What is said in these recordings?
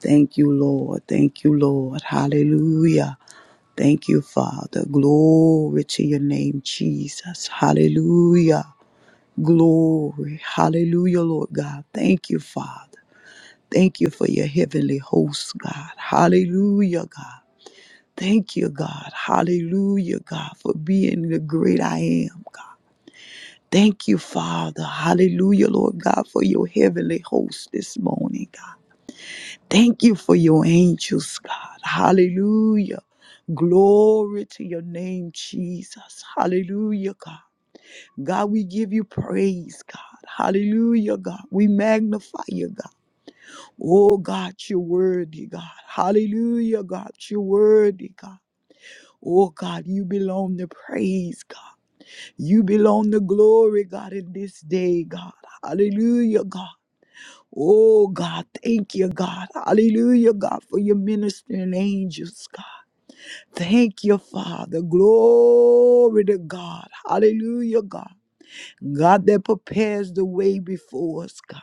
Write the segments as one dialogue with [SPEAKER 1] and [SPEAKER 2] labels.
[SPEAKER 1] Thank you, Lord. Thank you, Lord. Hallelujah. Thank you, Father. Glory to your name, Jesus. Hallelujah. Glory. Hallelujah, Lord God. Thank you, Father. Thank you for your heavenly host, God. Hallelujah, God. Thank you, God. Hallelujah, God, for being the great I am, God. Thank you, Father. Hallelujah, Lord God, for your heavenly host this morning, God. Thank you for your angels, God. Hallelujah. Glory to your name, Jesus. Hallelujah, God. God, we give you praise, God. Hallelujah, God. We magnify you, God. Oh, God, you're worthy, God. Hallelujah, God. You're worthy, God. Oh, God, you belong to praise, God. You belong to glory, God, in this day, God. Hallelujah, God. Oh God, thank you, God. Hallelujah, God, for your ministering angels, God. Thank you, Father. Glory to God. Hallelujah, God. God that prepares the way before us, God.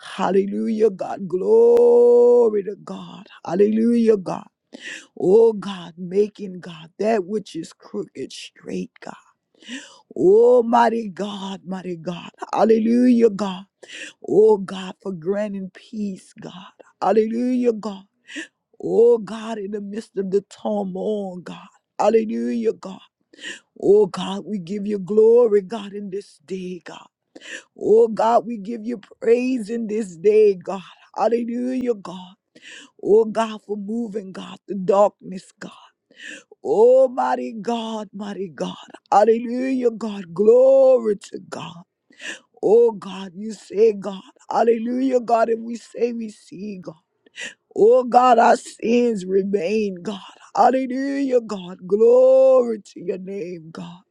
[SPEAKER 1] Hallelujah, God. Glory to God. Hallelujah, God. Oh God, making God that which is crooked straight, God. Almighty God, mighty God. Hallelujah, God. Oh God, for granting peace, God. Hallelujah, God. Oh God, in the midst of the turmoil, God. Hallelujah, God. Oh God, we give you glory, God, in this day, God. Oh God, we give you praise in this day, God. Hallelujah, God. Oh God, for moving, God, the darkness, God. Oh mighty God, mighty God. Hallelujah, God. Glory to God. Oh God, you say God. Hallelujah, God. And we say we see God. Oh God, our sins remain, God. Hallelujah, God. Glory to your name, God.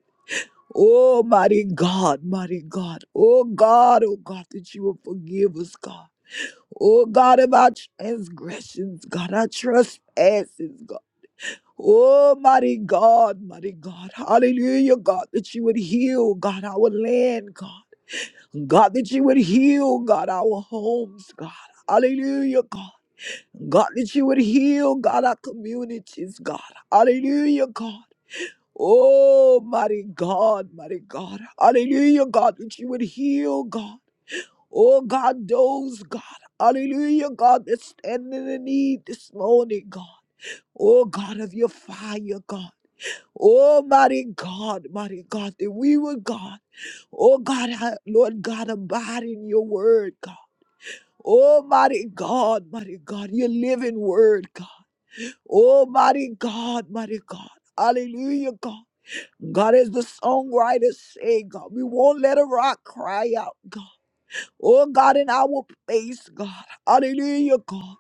[SPEAKER 1] Oh, mighty God, mighty God. Oh God, oh God, that you will forgive us, God. Oh God, of our transgressions, God, our trespasses, God. Oh, mighty God, mighty God. Hallelujah, God, that you would heal, God, our land, God. God, that you would heal, God, our homes, God. Hallelujah, God. God, that you would heal, God, our communities, God. Hallelujah, God. Oh, mighty God, mighty God. Hallelujah, God, that you would heal, God. Oh, God, those, God. Hallelujah, God, that's standing in need this morning, God. Oh, God of your fire, God. Oh, mighty God, mighty God, that we would, God. Oh, God, ha- Lord God, abide in your word, God. Oh, mighty God, mighty God, your living word, God. Oh, mighty God, mighty God. Hallelujah, God. God, as the songwriters say, God, we won't let a rock cry out, God. Oh, God, in our face, God. Hallelujah, God.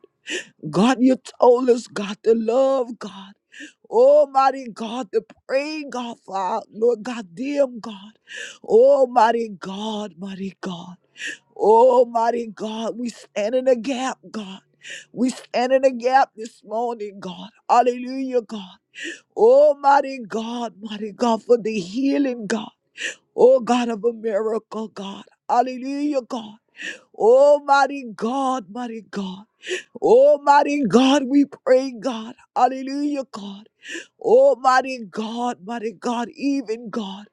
[SPEAKER 1] God, you told us, God, to love God. Almighty God, to pray, God, Father, Lord God, damn God. Almighty God, mighty God. Almighty God, we stand in the gap, God. We stand in the gap this morning, God. Hallelujah, God. Oh, mighty God, mighty God, for the healing, God. Oh, God of a miracle, God. Hallelujah, God. Oh, mighty God, mighty God. Oh, mighty God, we pray, God. Hallelujah, God. Oh, mighty God, mighty God, even God.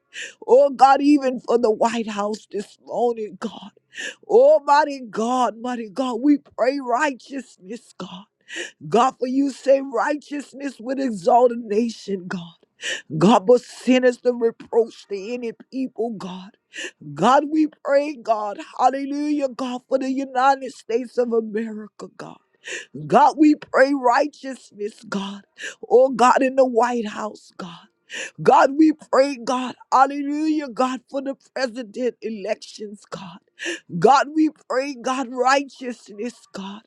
[SPEAKER 1] Oh, God, even for the White House this morning, God. Oh, mighty God, mighty God, we pray righteousness, God. God, for you say righteousness with exaltation, God. God, but sin is the reproach to any people, God. God, we pray, God, hallelujah, God, for the United States of America, God. God, we pray righteousness, God. Oh, God, in the White House, God. God, we pray, God, hallelujah, God, for the president elections, God. God, we pray, God, righteousness, God.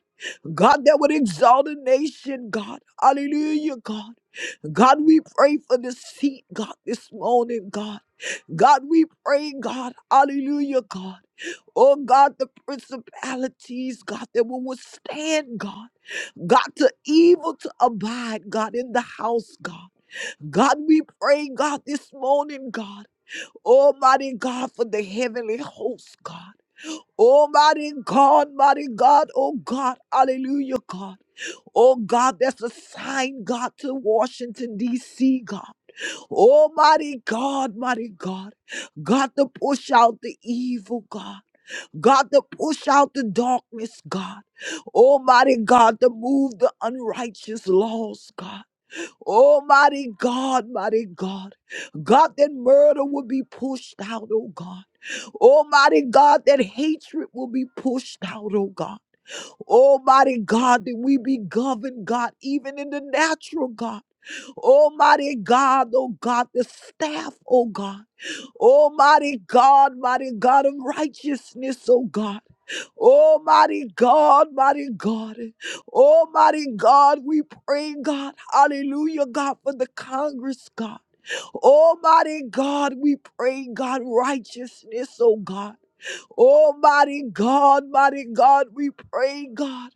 [SPEAKER 1] God, that would exalt a nation, God. Hallelujah, God. God, we pray for the seat, God, this morning, God. God, we pray, God, hallelujah, God. Oh God, the principalities, God, that will withstand, God. God, to evil to abide, God, in the house, God. God, we pray, God, this morning, God. Almighty God, for the heavenly host, God. Almighty God, mighty God, oh God, hallelujah, God. Oh God, that's a sign, God, to Washington, D.C., God. Oh, mighty God, mighty God. God, to push out the evil, God. God, to push out the darkness, God. Almighty God, to move the unrighteous laws, God. Almighty God, mighty God. God, that murder will be pushed out, oh God. Almighty God, that hatred will be pushed out, oh God. Almighty God, that we be governed, God, even in the natural, God. Almighty God, oh God, the staff, oh God. Almighty God, mighty God of righteousness, oh God. Almighty God, mighty God. Almighty God, we pray, God. Hallelujah, God, for the Congress, God. Almighty God, we pray, God, righteousness, oh God. Almighty God, mighty God, we pray, God.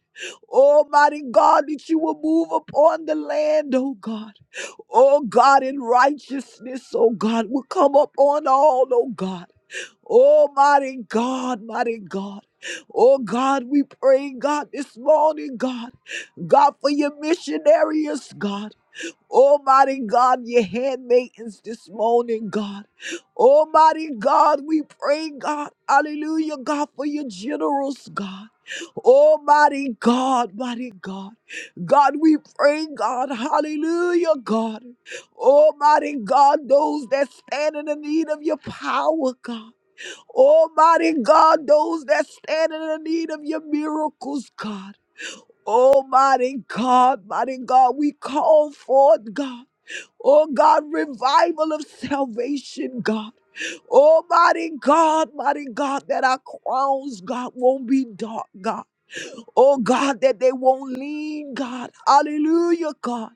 [SPEAKER 1] Almighty God, that you will move upon the land, oh God. Oh God, in righteousness, oh God, will come upon all, oh God. Oh mighty God, mighty God. Oh God, we pray, God, this morning, God. God, for your missionaries, God. Almighty God, your handmaidens this morning, God. Almighty God, we pray, God. Hallelujah, God, for your generals, God. Almighty God, mighty God. God, we pray, God. Hallelujah, God. Almighty God, those that stand in the need of your power, God. Almighty God, those that stand in the need of your miracles, God. Almighty God, mighty God, we call forth, God. Oh God, revival of salvation, God. Oh mighty God, mighty God, that our crowns, God, won't be dark, God. Oh God, that they won't lean, God. Hallelujah, God.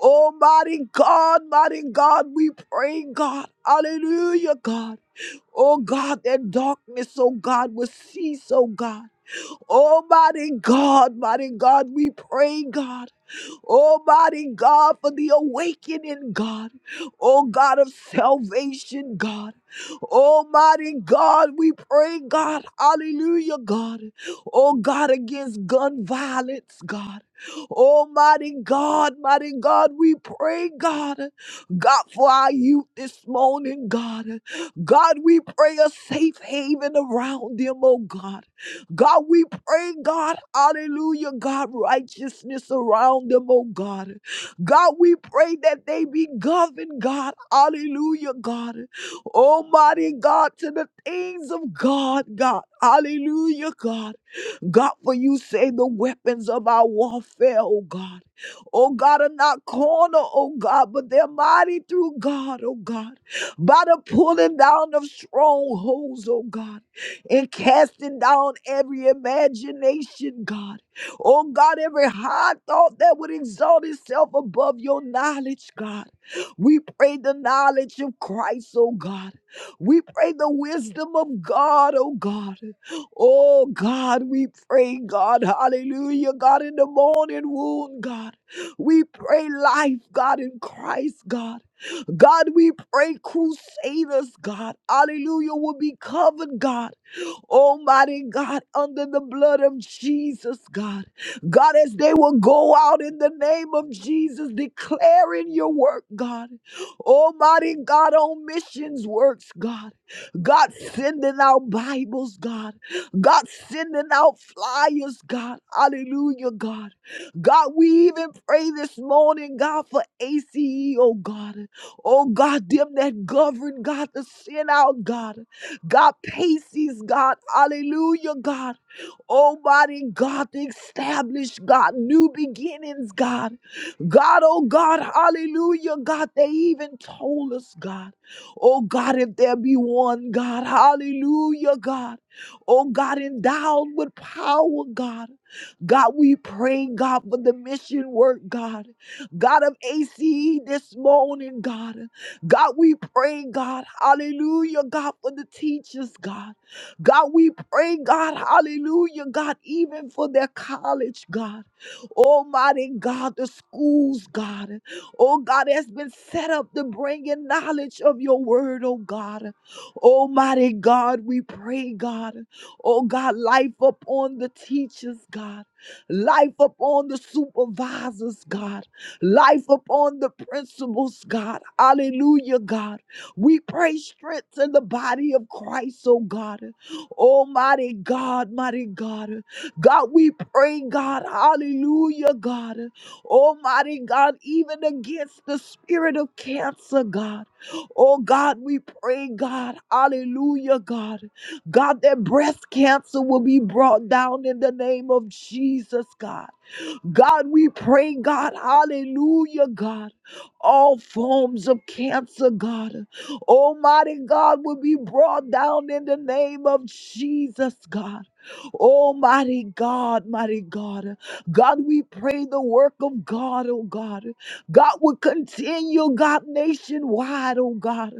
[SPEAKER 1] Oh mighty God, mighty God, we pray, God. Hallelujah, God. Oh God, that darkness, oh God, will cease, oh God. Almighty God, mighty God, we pray, God. Almighty God, for the awakening, God. Oh God of salvation, God. Almighty God, we pray, God. Hallelujah, God. Oh God, against gun violence, God. Almighty God, mighty God, we pray, God. God, for our youth this morning, God. God, we pray a safe haven around them, oh God. God, we pray, God, hallelujah, God, righteousness around them, oh God. God, we pray that they be governed, God, hallelujah, God. Almighty God, to the things of God, God, hallelujah, God. God, for you say the weapons of our warfare, oh God. Oh God, are not corner, oh God, but they're mighty through God, oh God. By the pulling down of strongholds, oh God, and casting down every imagination, God. Oh God, every high thought that would exalt itself above your knowledge, God. We pray the knowledge of Christ, oh God. We pray the wisdom of God, oh God. Oh God, we pray, God, hallelujah, God, in the morning wound, God. We pray life, God, in Christ, God. God, we pray crusaders, God, hallelujah, will be covered, God. Almighty God, under the blood of Jesus, God. God, as they will go out in the name of Jesus, declaring your work, God. Almighty God, on missions works, God. God, sending out Bibles, God. God, sending out flyers, God. Hallelujah, God. God, we even pray this morning, God, for ACE, oh God. Oh God, them that govern, God, to send out, God. God, Pacey's God, hallelujah, God. Almighty God, establish God, new beginnings, God. God, oh God, hallelujah, God. They even told us, God, oh God, if there be one, God, hallelujah, God. Oh God, endowed with power, God. God, we pray, God, for the mission work, God. God of ACE this morning, God. God, we pray, God, hallelujah, God, for the teachers, God. God, we pray, God, hallelujah, God, even for their college, God. Almighty God, the schools, God. Oh, God, has been set up to bring in knowledge of your word, oh, God. Almighty God, we pray, God. Oh, God, life upon the teachers, God. Life upon the supervisors, God life upon the principles, God. Hallelujah, God. We pray strength in the body of Christ, oh God. Almighty God, mighty God. God, we pray, God. Hallelujah, God. Almighty God, even against the spirit of cancer, God. Oh God, we pray, God. Hallelujah, God. God, that breast cancer will be brought down in the name of Jesus, God. God, we pray, God, hallelujah, God. All forms of cancer, God, Almighty God, will be brought down in the name of Jesus, God. Almighty God, mighty God. God, we pray the work of God, oh God. God will continue, God, nationwide, oh God.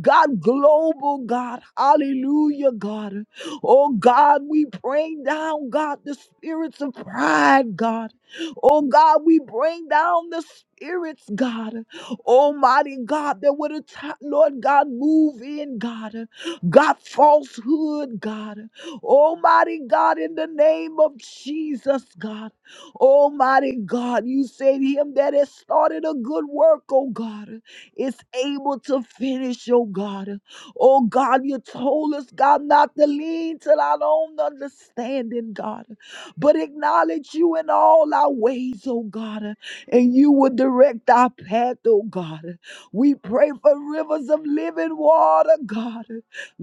[SPEAKER 1] God, global, God. Hallelujah, God. Oh God, we pray down, God, the spirits of pride, God. Oh God, we bring down the spirits, God. Almighty God, that would have, Lord God, move in, God. God, falsehood, God. Almighty God, in the name of Jesus, God. Almighty God, you said him that has started a good work, oh God, is able to finish, oh God. Oh God, you told us, God, not to lean till our own understanding, God but acknowledge you in all our ways, oh God, and you will direct our path, oh God. We pray for rivers of living water, God.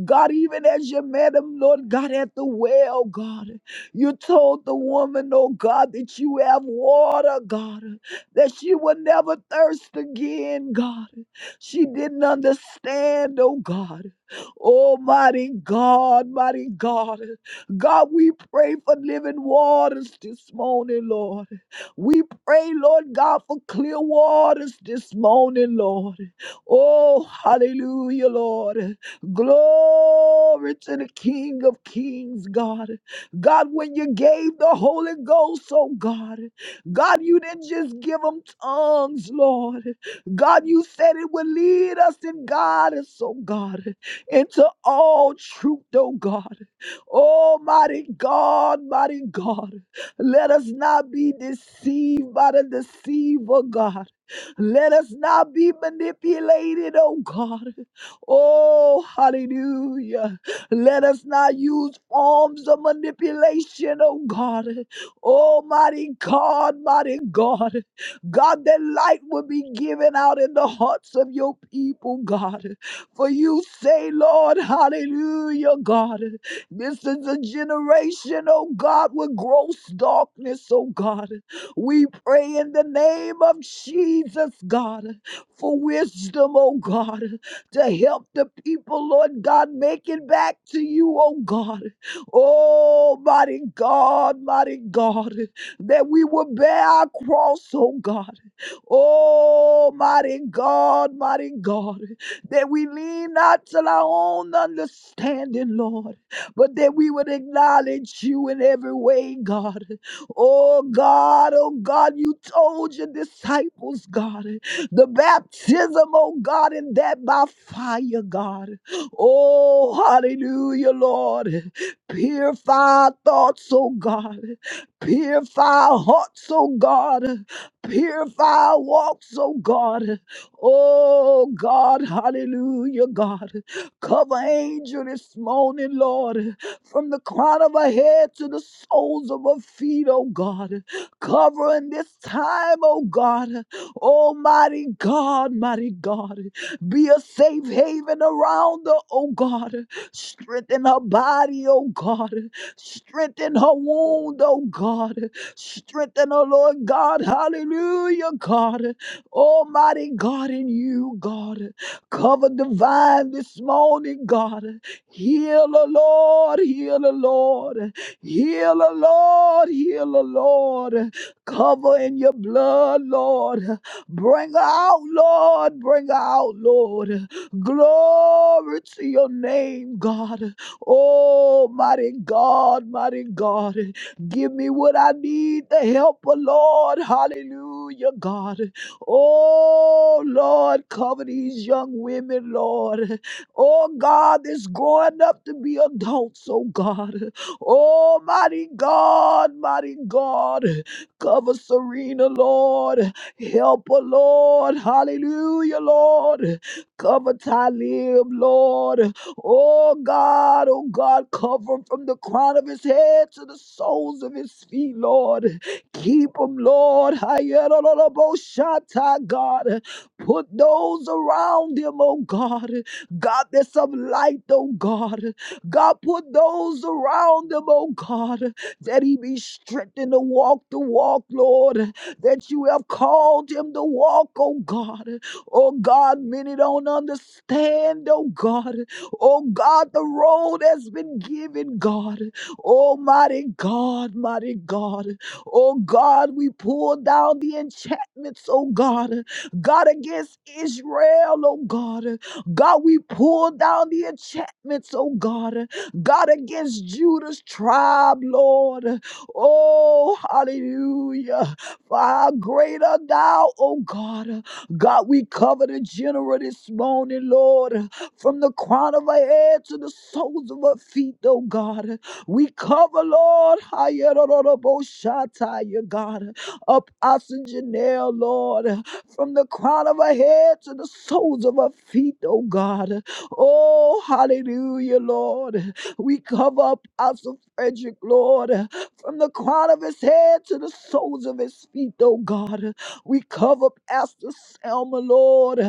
[SPEAKER 1] God, even as you met him, Lord God, at the well, God, you told the woman, oh God, that you have water, God, that she will never thirst again, God. She didn't understand, oh God. Almighty God, mighty God. God, we pray for living waters this morning, Lord. We pray, Lord God, for clear waters this morning, Lord. Oh, hallelujah, Lord. Glory to the King of Kings, God. God, when you gave the Holy Ghost, oh God, God, you didn't just give them tongues, Lord. God, you said it would lead us and guide us, oh God, into all truth, oh God. Oh, mighty God, mighty God, let us not be deceived by the deceiver, God. Let us not be manipulated, oh God. Oh, hallelujah. Let us not use forms of manipulation, oh God. Oh, mighty God, mighty God. God, that light will be given out in the hearts of your people, God. For you say, Lord, hallelujah, God. This is a generation, oh God, with gross darkness, oh God. We pray in the name of Jesus, God, for wisdom, oh God, to help the people, Lord God, make it back to you, oh God. Oh, mighty God, mighty God, that we will bear our cross, oh God. Oh, mighty God, mighty God, that we lean not to our own understanding, Lord but that we would acknowledge you in every way, God. Oh God, oh God, you told your disciples, God, the baptism, oh God, and that by fire, God. Oh, hallelujah, Lord. Purify our thoughts, oh God. Purify our hearts, oh God. Purify our walks, oh God. Oh God, hallelujah, God. Cover angel this morning, Lord, from the crown of her head to the soles of her feet, oh God. Cover in this time, oh God. Almighty God, mighty God. Be a safe haven around her, oh God. Strengthen her body, oh God. Strengthen her wound, oh God. Strengthen her, Lord God. Hallelujah, God. Almighty God in you, God. Cover divine this morning, God. Heal, O Lord, heal, O Lord. Heal, O Lord, heal, O Lord. Cover in your blood, Lord. Bring her out, Lord. Bring her out, Lord. Glory to your name, God. Oh, mighty God, mighty God. Give me what I need to help, O Lord. Hallelujah, God. Oh, Lord, cover these young women, Lord. Oh, God, that's growing up to be adults, oh, God. Oh, mighty God, mighty God. Cover Serena, Lord. Help her, Lord. Hallelujah, Lord. Cover Talib, Lord. Oh, God, oh, God, cover him from the crown of his head to the soles of his feet, Lord. Keep them, Lord. Hayerololoboshata, God. Put those around him, oh God. God, there's some light, oh God. God, put those around him, oh God, that he be strengthened to walk the walk, Lord, that you have called him to walk, oh God. Oh God, many don't understand, oh God. Oh God, the road has been given, God. Almighty God, mighty God. Oh God, we pull down the enchantments, oh God. God against Israel, oh God. God, we pull down the enchantments, oh God. God against Judah's tribe, Lord. Oh, hallelujah. Far greater thou, oh God. God, we cover the general this morning, Lord, from the crown of her head to the soles of her feet, oh God. We cover, Lord, Hayeroroboshataya, God, up Oxygenair, Lord, from the crown of her head to the soles of her feet, oh God. Oh, hallelujah, Lord. We cover up Apostle Frederick, Lord, from the crown of his head to the soles of his feet, oh God. We cover Pastor Selma, Lord,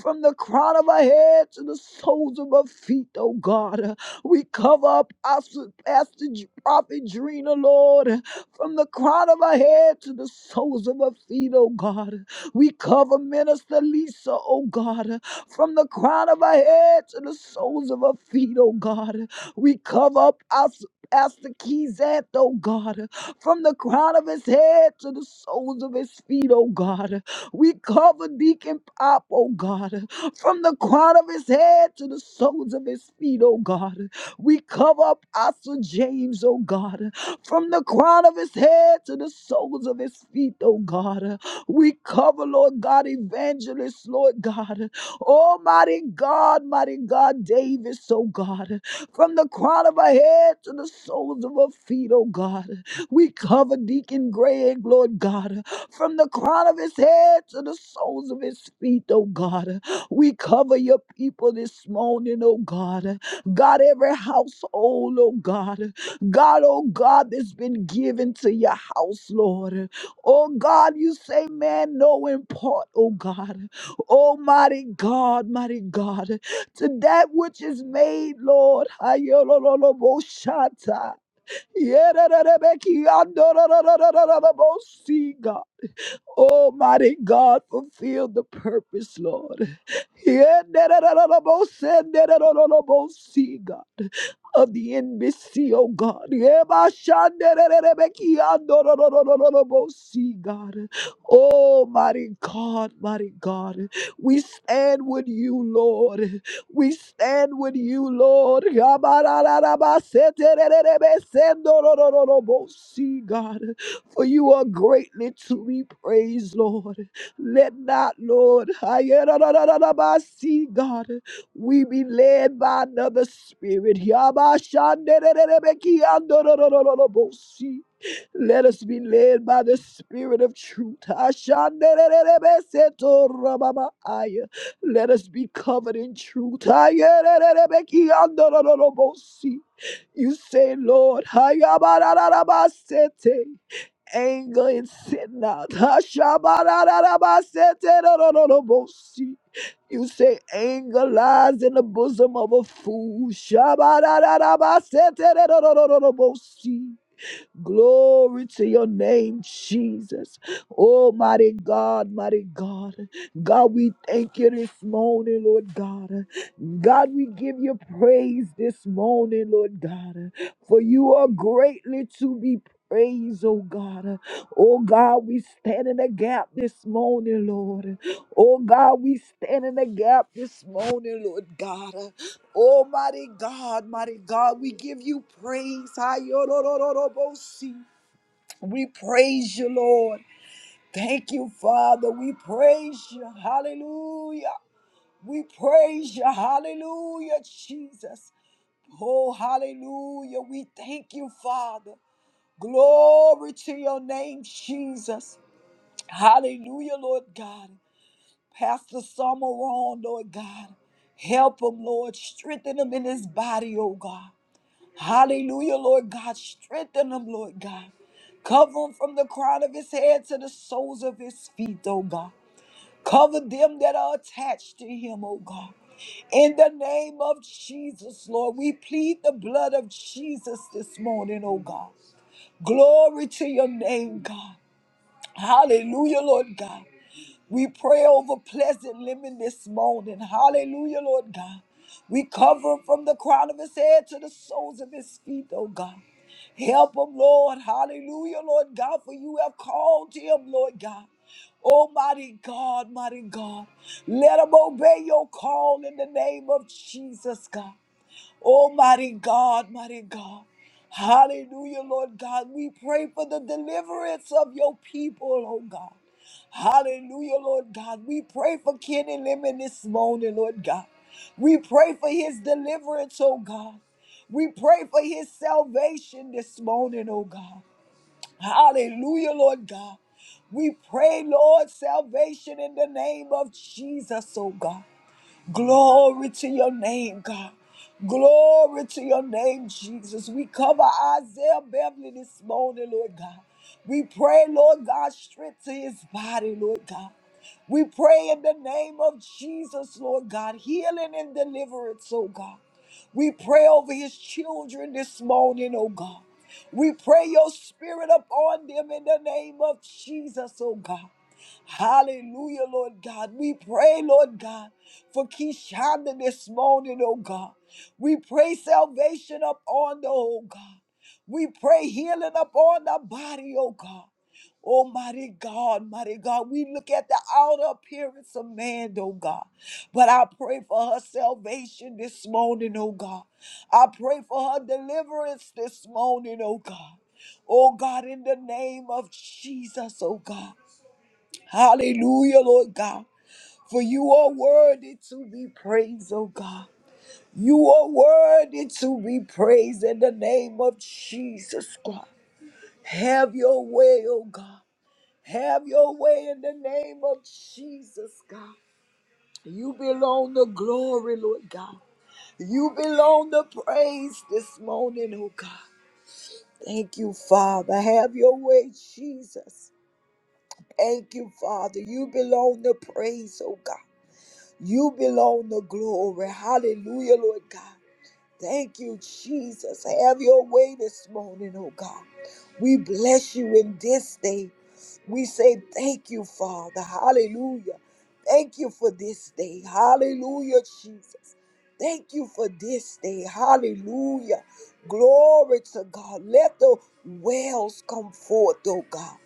[SPEAKER 1] from the crown of her head to the soles of her feet, oh God. We cover up our Pastor J- Prophet Drina, Lord, from the crown of her head to the soles of her feet, oh God. We cover Minister Lisa, oh God, from the crown of her head to the soles of her feet, oh God. We cover up our Pastor Keyzant, oh God, from the crown of his head to the soles of his feet, oh God. We cover Deacon Pop, oh God, from the crown of his head to the soles of his feet, oh God. We cover up Apostle James, oh God, from the crown of his head to the soles of his feet, oh God. We cover, Lord God, evangelists, Lord God. Almighty God, mighty God, Davis, oh God. From the crown of her head to the soles of her feet, oh God. We cover Deacon Greg, Lord God. From the crown of his head to the soles of his feet, oh God. We cover your people this morning, oh God. God, every household, oh God, God, oh God, that's been given to your house, Lord. Oh God, you say, man, no import, oh God. Almighty God, mighty God, to that which is made, Lord. Ayolololoboshata. Yerererebekiandorororororobosi, God. Almighty God, fulfill the purpose, Lord. Yererererebose, dererororobosi, God of the embassy, oh God. Yebashandererebekiandororororobosi, God. Oh, mighty God, mighty God. We stand with you, Lord. We stand with you, Lord. Yabarararabaseterererebesendororororobosi, God. For you are greatly to be praised, Lord. Let not, Lord, ayerarararabasi, God. We be led by another spirit. Yabashandererebekiandororororobosi. Let us be led by the spirit of truth. Ashandererebesetorababaya. Let us be covered in truth. Ayererebekiandorororobosi. You say, Lord, Hayabarararabasete anger and sin out. Hashabarararabaseterororobosi. You say anger lies in the bosom of a fool. Shabarararabaseterororobosi. Glory to your name, Jesus. Oh, mighty God, mighty God. God, we thank you this morning, Lord God. God, we give you praise this morning, Lord God, for you are greatly to be praised, oh God. Oh God, we stand in the gap this morning, Lord. Oh God, we stand in the gap this morning, Lord God. Oh, mighty God, mighty God, we give you praise. Ayorororobosi. We praise you, Lord. Thank you, Father. We praise you. Hallelujah. We praise you. Hallelujah, Jesus. Oh, hallelujah. We thank you, Father. Glory to your name, Jesus. Hallelujah, Lord God. Pastor Summer on, Lord God. Help him, Lord. Strengthen him in his body, oh God. Hallelujah, Lord God. Strengthen him, Lord God. Cover him from the crown of his head to the soles of his feet, oh God. Cover them that are attached to him, oh God. In the name of Jesus, Lord, we plead the blood of Jesus this morning, oh God. Glory to your name, God. Hallelujah, Lord God. We pray over pleasant living this morning. Hallelujah, Lord God. We cover him from the crown of his head to the soles of his feet, oh God. Help him, Lord. Hallelujah, Lord God, for you have called him, Lord God. Almighty God, mighty God, let him obey your call in the name of Jesus, God. Oh, mighty God, mighty God. Hallelujah, Lord God. We pray for the deliverance of your people, oh God. Hallelujah, Lord God. We pray for Kenny Lemon this morning, Lord God. We pray for his deliverance, oh God. We pray for his salvation this morning, oh God. Hallelujah, Lord God. We pray, Lord, salvation in the name of Jesus, oh God. Glory to your name, God. Glory to your name, Jesus. We cover Isaiah Beverly this morning, Lord God. We pray, Lord God, strength to his body, Lord God. We pray in the name of Jesus, Lord God, healing and deliverance, oh God. We pray over his children this morning, oh God. We pray your spirit upon them in the name of Jesus, oh God. Hallelujah, Lord God. We pray, Lord God, for Keshonda this morning, oh God. We pray salvation upon the oh God. We pray healing upon the body, oh God. Almighty God, mighty God, we look at the outer appearance of man, oh God. But I pray for her salvation this morning, oh God. I pray for her deliverance this morning, oh God. Oh God, in the name of Jesus, oh God. Hallelujah, Lord God. For you are worthy to be praised, oh God. You are worthy to be praised in the name of Jesus Christ. Have your way, oh God. Have your way in the name of Jesus, God. You belong the glory, Lord God. You belong the praise this morning, oh God. Thank you, Father. Have your way, Jesus. Thank you, Father. You belong the praise, oh God. You belong the glory. Hallelujah, Lord God. Thank you, Jesus. Have your way this morning, oh God. We bless you in this day. We say thank you, Father. Hallelujah. Thank you for this day. Hallelujah, Jesus. Thank you for this day. Hallelujah. Glory to God. Let the wells come forth, oh God.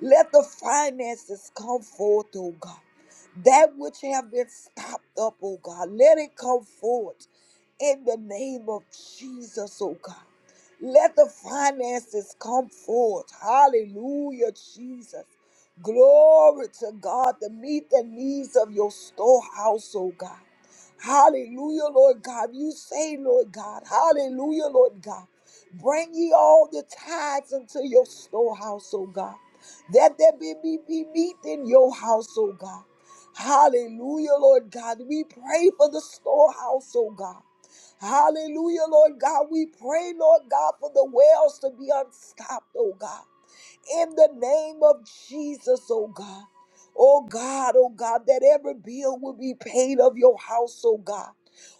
[SPEAKER 1] Let the finances come forth, oh God. That which have been stopped up, oh God, let it come forth in the name of Jesus, oh God. Let the finances come forth. Hallelujah, Jesus. Glory to God to meet the needs of your storehouse, oh God. Hallelujah, Lord God. You say, Lord God. Hallelujah, Lord God. Bring ye all the tithes into your storehouse, oh God. That there be, be, be meat in your house, oh God. Hallelujah, Lord God. We pray for the storehouse, oh God. Hallelujah, Lord God. We pray, Lord God, for the wells to be unstopped, oh God in the name of Jesus, oh God. Oh God, oh God, that every bill will be paid of your house, oh God.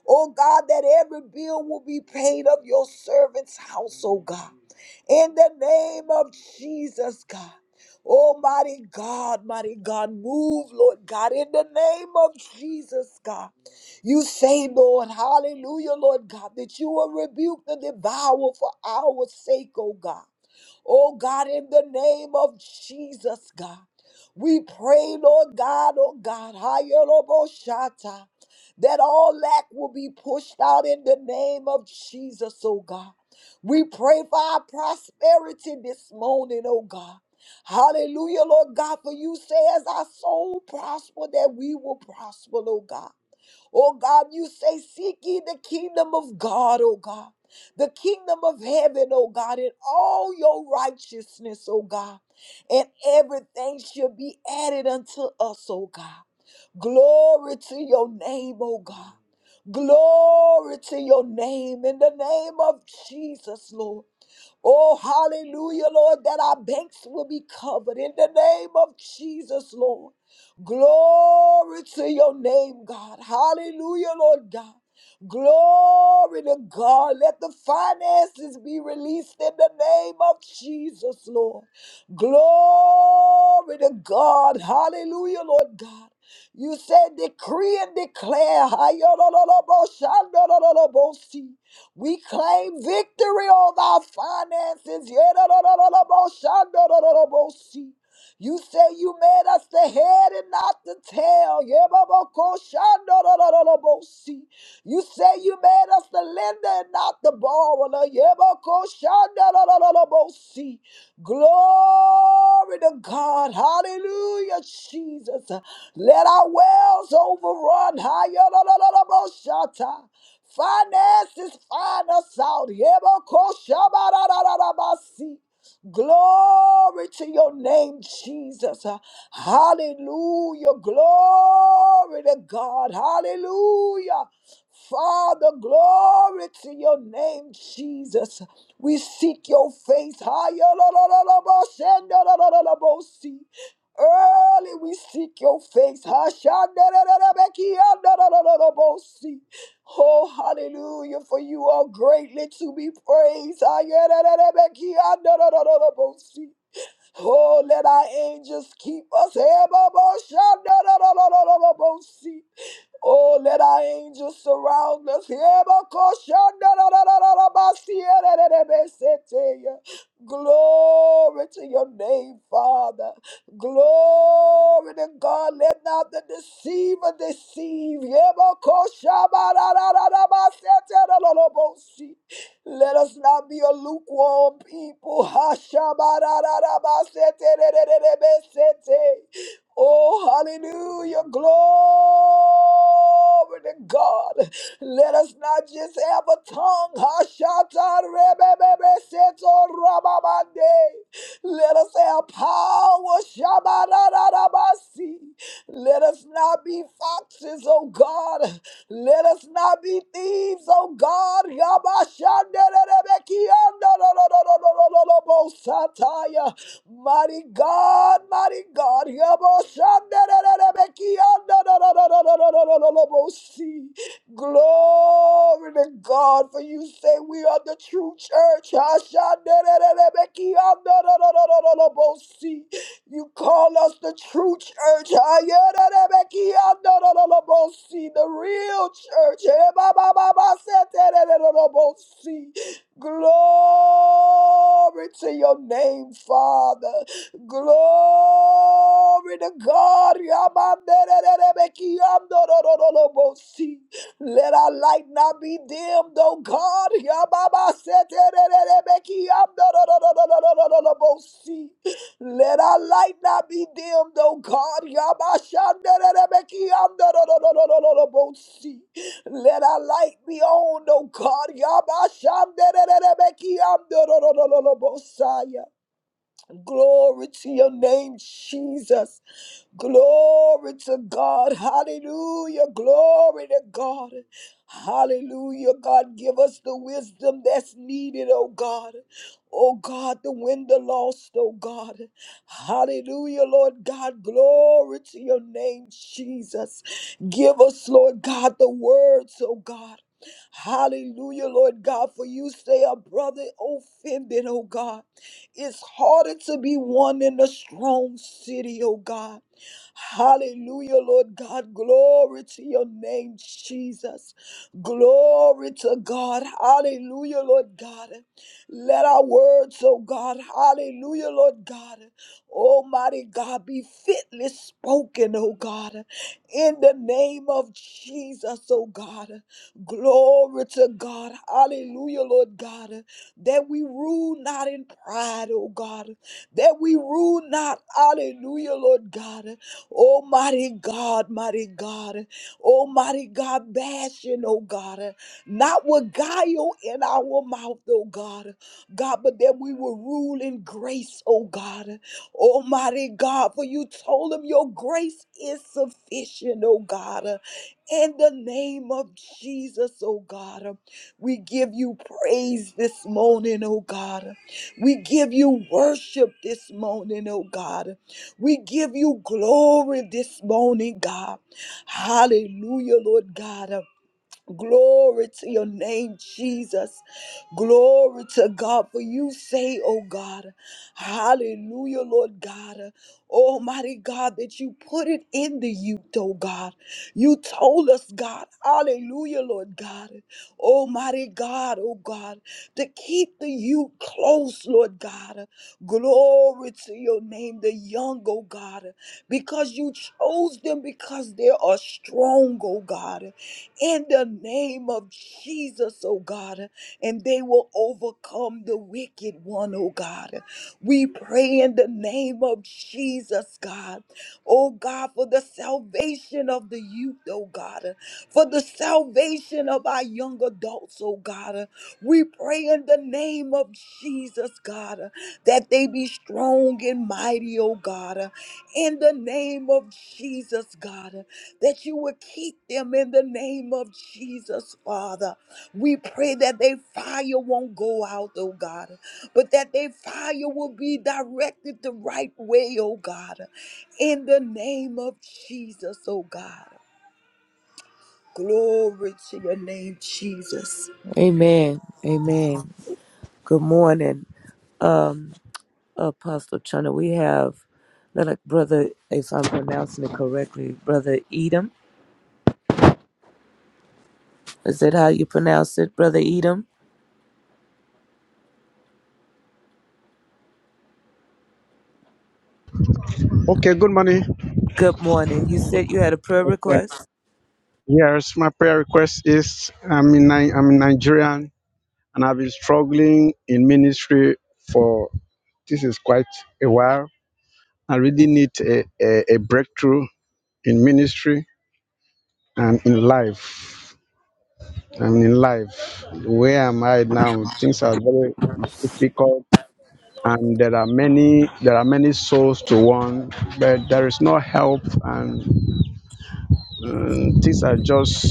[SPEAKER 1] Oh God, that every bill will be paid of your servant's house, oh God. In the name of Jesus, God. Almighty God, mighty God, move, Lord God, in the name of Jesus, God. You say, Lord, hallelujah, Lord God, that you will rebuke the devourer for our sake, oh God. Oh God, in the name of Jesus, God. We pray, Lord God, oh God, Hayaloboshata, that all lack will be pushed out in the name of Jesus, oh God. We pray for our prosperity this morning, oh God. Hallelujah, Lord God, for you say, as our soul prosper, that we will prosper, oh God. Oh God, you say, Seek ye the kingdom of God, oh God. The kingdom of heaven, oh God, and all your righteousness, oh God, and everything shall be added unto us, oh God. Glory to your name, oh God. Glory to your name in the name of Jesus, Lord. Oh, hallelujah, Lord, that our banks will be covered in the name of Jesus, Lord. Glory to your name, God. Hallelujah, Lord God. Glory to God. Let the finances be released in the name of Jesus, Lord. Glory to God. Hallelujah, Lord God. You said, decree and declare. Ayolololobo, shandololobo, see. We claim victory over our finances. Yeah, you say you made us the head and not the tail. Yebabakoshandorororobosi. You say you made us the lender and not the borrower. Yebakoshandorororobosi. Glory to God. Hallelujah, Jesus. Let our wells overrun. Hayolololoboshata. Finances find us out. Yebakoshabarararabasi. Glory to your name, Jesus. Uh, Hallelujah. Glory to God. Hallelujah. Father, glory to your name, Jesus. We seek your face. Hallelujah. Early we seek your face. Hashandarabakiyandarabosi. Oh, hallelujah, for you are greatly to be praised. Ayerererebe-ki-andorororobosi. Oh, let our angels keep us. Eboboshandorororobosi. Oh, let our angels surround us. Glory to your name, Father. Glory to God. Let not the deceiver deceive. Let us not be a lukewarm people. Oh, hallelujah. Glory to God. Let us not just have a tongue. Hashata rebebebe seto rababande. Let us have power. Shabarararabasi. Let us not be foxes, oh God. Let us not be thieves, oh God. Yabashandererebekiandororororororobosataya. Mighty God, mighty God, Yaboshandererebekiandorororororororobosi. glory to God, for you say we are the true church. Hashandererebekiandorororororobosi. You call us the true church, Hayererebekiandororororobosi, the real church. Ebabababasetererorobosi. Glory to your name, Father. Glory to God. Yamandererebekiandorororobosi. Let our light not be dimmed, oh God. Yababaseterererebekiandorororororobosi. Let our light not be dimmed, oh God. Yabashandererebekiandorororororobosi. Let our light be on, oh God. Yabashamdererebekiamdororororobosaya. Glory to your name, Jesus. Glory to God. Hallelujah. Glory to God. Hallelujah. God, give us the wisdom that's needed, oh God. Oh God, the win, the lost, oh God. Hallelujah, Lord God. Glory to your name, Jesus. Give us, Lord God, the words, oh God. Hallelujah, Lord God, for you say a brother offended, oh God. It's harder to be one in a strong city, oh God. Hallelujah, Lord God. Glory to your name, Jesus. Glory to God. Hallelujah, Lord God. Let our words, oh God, hallelujah, Lord God. Almighty God, be fitly spoken, oh God, in the name of Jesus, oh God. Glory to God, hallelujah, Lord God, that we rule not in pride, oh God, that we rule not, hallelujah, Lord God, Oh, mighty God, mighty God. Oh, mighty God, bashing, oh God. Not with guile in our mouth, oh God. God, but that we will rule in grace, oh God. Almighty God, for you told him your grace is sufficient, oh God. In the name of Jesus, oh God, we give you praise this morning, oh God. We give you worship this morning, oh God. We give you glory this morning, God. Hallelujah, Lord God. Uh, Glory to your name, Jesus. Glory to God. For you say, oh God, hallelujah, Lord God. Almighty God, that you put it in the youth, oh God. You told us, God, hallelujah, Lord God. Almighty God, oh God, to keep the youth close, Lord God. Glory to your name, the young, oh God, because you chose them because they are strong, oh God. In the name of Jesus, oh God, and they will overcome the wicked one, oh God. We pray in the name of Jesus, God oh God, for the salvation of the youth, oh God, uh, for the salvation of our young adults, oh God. uh, We pray in the name of Jesus, God, uh, that they be strong and mighty, oh God. uh, In the name of Jesus, God, uh, that you would keep them in the name of Jesus, Father. We pray that their fire won't go out, oh God, but that their fire will be directed the right way, oh God in the name of Jesus, oh God. Glory to your name, Jesus.
[SPEAKER 2] Amen. Amen. Good morning, um, Apostle Chana. We have, like, brother, if I'm pronouncing it correctly, brother Edom. Is that how you pronounce it, brother Edom?
[SPEAKER 3] Okay, good morning.
[SPEAKER 2] Good morning. You said you had a prayer request.
[SPEAKER 3] Yes, my prayer request is I'm in Ni- I'm in Nigerian and I've been struggling in ministry for this is quite a while. I really need a, a, a breakthrough in ministry and in life. I mean, in life, where am I now? Things are very difficult and there are many there are many souls to one but there is no help and um, things are just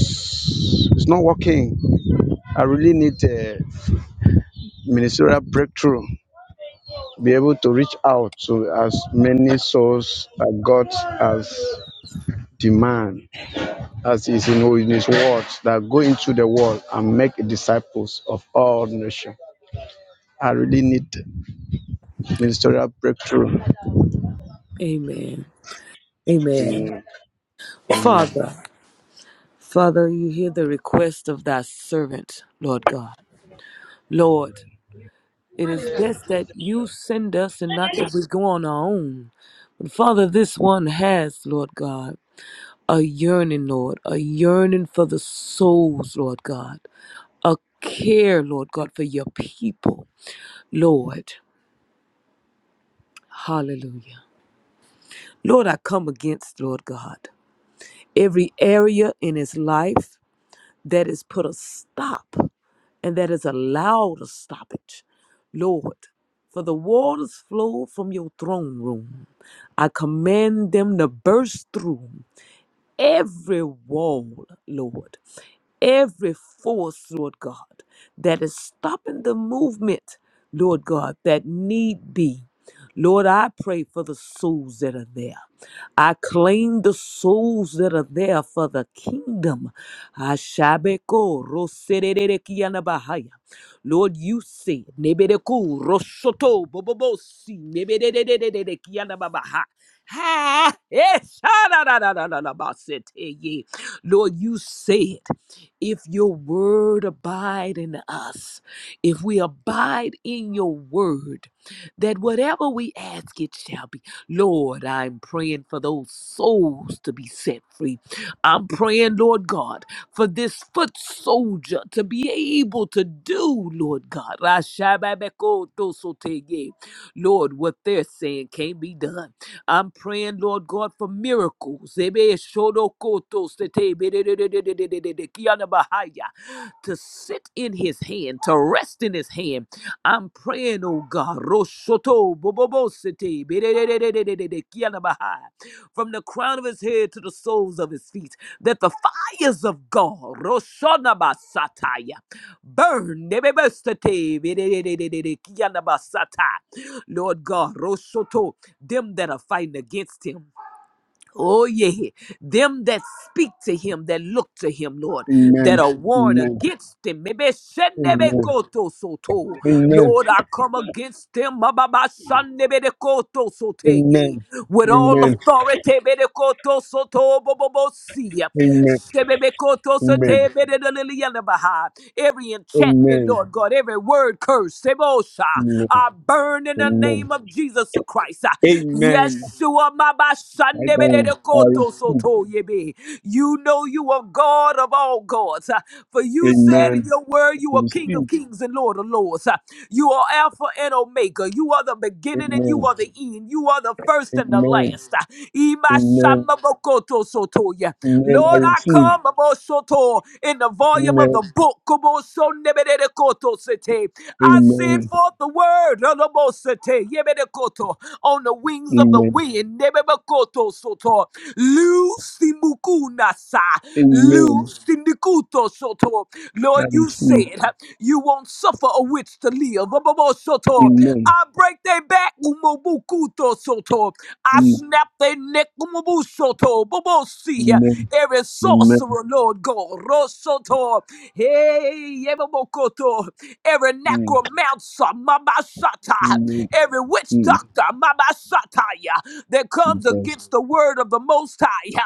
[SPEAKER 3] it's not working I really need a ministerial breakthrough, be able to reach out to as many souls that God has demand as is in, in his words that go into the world and make disciples of all nations. I really need ministerial breakthrough.
[SPEAKER 2] Amen. Amen.
[SPEAKER 3] Amen. Amen.
[SPEAKER 2] Father, Father, you hear the request of thy servant, Lord God. Lord, it is best that you send us and not that we go on our own. But Father, this one has, Lord God. a yearning, Lord, a yearning for the souls, Lord God, a care, Lord God, for your people, Lord. Hallelujah. Lord, I come against, Lord God, every area in his life that has put a stop and that has allowed a stoppage, Lord. For the waters flow from your throne room. I command them to burst through every wall, Lord every force, Lord God, that is stopping the movement, Lord God, that need be. Lord, I pray for the souls that are there. I claim the souls that are there for the kingdom. Ashabeko roserere Lord, you said, Nebedeku roshoto bobobosi nebededededede Ha! Eh, sha-da-da-da-da-da-da-ba-se-te-ye. Lord, you said. If your word abide in us, if we abide in your word, that whatever we ask, it shall be. Lord, I'm praying for those souls to be set free. I'm praying, Lord God, for this foot soldier to be able to do, Lord God. Rashababakotosoteye. Lord, what they're saying can't be done. I'm praying, Lord God, for miracles. Ebe shodokoto sete bededededededede kianabahaya. To sit in his hand, to rest in his hand. I'm praying, oh God, roshoto bobobo sete bededededededede kianabahaya. from the crown of his head to the soles of his feet, that the fires of God roshonabasataya, burn. Ebe bedededededede kianabasata. Lord God, roshoto them that are fighting against him. Oh, yeah. Them that speak to him, that look to him, Lord, that
[SPEAKER 3] Amen.
[SPEAKER 2] are warned against him. Maybe
[SPEAKER 3] Amen.
[SPEAKER 2] shenebekoto soto.
[SPEAKER 3] Amen.
[SPEAKER 2] Lord, I come against them Mababa Shanebekoto sote, yeah.
[SPEAKER 3] Amen.
[SPEAKER 2] with
[SPEAKER 3] Amen.
[SPEAKER 2] all authority. bedekoto soto bobobosi.
[SPEAKER 3] Amen.
[SPEAKER 2] Shebebekoto
[SPEAKER 3] Amen.
[SPEAKER 2] sote bedelelelelebaha. Every enchantment,
[SPEAKER 3] Amen.
[SPEAKER 2] Lord God, every word curse, sebosha,
[SPEAKER 3] Amen.
[SPEAKER 2] I burn in the
[SPEAKER 3] Amen.
[SPEAKER 2] name of Jesus the Christ.
[SPEAKER 3] Amen.
[SPEAKER 2] Yeshua,
[SPEAKER 3] I
[SPEAKER 2] my you
[SPEAKER 3] don't- I receive.
[SPEAKER 2] know you are God of all gods. uh, For you said in
[SPEAKER 3] Amen.
[SPEAKER 2] your word, you
[SPEAKER 3] I
[SPEAKER 2] are King
[SPEAKER 3] receive.
[SPEAKER 2] of kings and Lord of lords. uh, You are Alpha and Omega. You are the beginning and you
[SPEAKER 3] Amen.
[SPEAKER 2] are the end. You are the first and the
[SPEAKER 3] Amen.
[SPEAKER 2] last. uh,
[SPEAKER 3] Amen.
[SPEAKER 2] Imashamabokotosotoya.
[SPEAKER 3] Amen. I
[SPEAKER 2] Lord, I
[SPEAKER 3] receive.
[SPEAKER 2] come abosoto, in the volume of the
[SPEAKER 3] Amen.
[SPEAKER 2] book. Kobosonebedekotosete. I send
[SPEAKER 3] Amen.
[SPEAKER 2] forth the word Lodobosete, yebedekoto, on the wings
[SPEAKER 3] Amen.
[SPEAKER 2] of the wind soto. Soto, Lucy mukunasa.
[SPEAKER 3] Amen.
[SPEAKER 2] Lucy nikuto soto. Lord, you said huh, you won't suffer a witch to live. Abobo soto.
[SPEAKER 3] Amen.
[SPEAKER 2] I break their back. Umobukuto soto. I snap their neck. Umobu soto. Bobo see huh,
[SPEAKER 3] Amen.
[SPEAKER 2] every
[SPEAKER 3] Amen.
[SPEAKER 2] sorcerer, Lord God. Rosoto. Hey, Yebobokoto. Every necromancer. Mabasata.
[SPEAKER 3] Amen.
[SPEAKER 2] Every witch
[SPEAKER 3] Amen.
[SPEAKER 2] doctor. Mabasataya. That comes
[SPEAKER 3] Jesus.
[SPEAKER 2] against against the word of the Most High.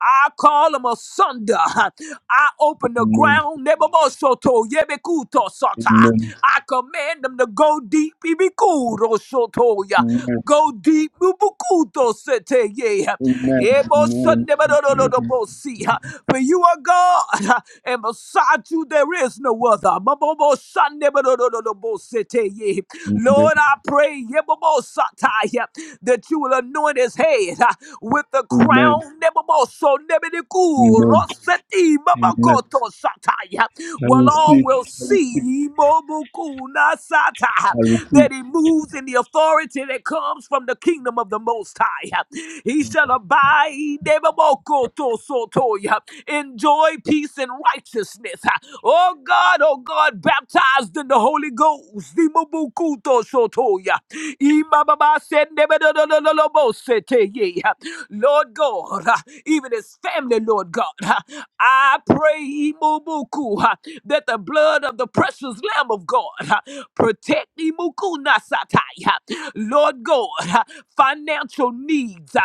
[SPEAKER 2] I call them asunder. I open the
[SPEAKER 3] Amen.
[SPEAKER 2] ground. Nebobosoto, yebekuto sota.
[SPEAKER 3] Amen.
[SPEAKER 2] I command them to go deep. ibikuro sotoya.
[SPEAKER 3] Amen.
[SPEAKER 2] Go deep. ubukuto sete, yeah.
[SPEAKER 3] Amen. Amen.
[SPEAKER 2] Ebo
[SPEAKER 3] Amen.
[SPEAKER 2] sunde, badododobosea. For you are God, and beside you there is no other. Mabobo Sunday, Badododobosete, yeah.
[SPEAKER 3] Amen.
[SPEAKER 2] Lord, I pray yebobosataya, that you will anoint his head head uh, with the
[SPEAKER 3] Amen.
[SPEAKER 2] crown Nebuchadnezzar, Nebuchadnezzar,
[SPEAKER 3] Amen.
[SPEAKER 2] Rossetti,
[SPEAKER 3] Amen.
[SPEAKER 2] Mabakoto, Sataya.
[SPEAKER 3] I
[SPEAKER 2] Well, all
[SPEAKER 3] receive.
[SPEAKER 2] will see Mobukuna Sata,
[SPEAKER 3] I receive.
[SPEAKER 2] that he moves in the authority that comes from the kingdom of the Most High. uh, He shall abide Nebuchadnezzar, Sotoya, enjoy peace and righteousness. uh, Oh God, oh God, baptized in the Holy Ghost. Imabukuto Sotoya. Imababa said, yeah. Lord God, uh, even his family, Lord God, uh, I pray Imubuku, uh, that the blood of the precious Lamb of God uh, protect Imuku Nasatai, uh, Lord God, uh, financial needs. uh,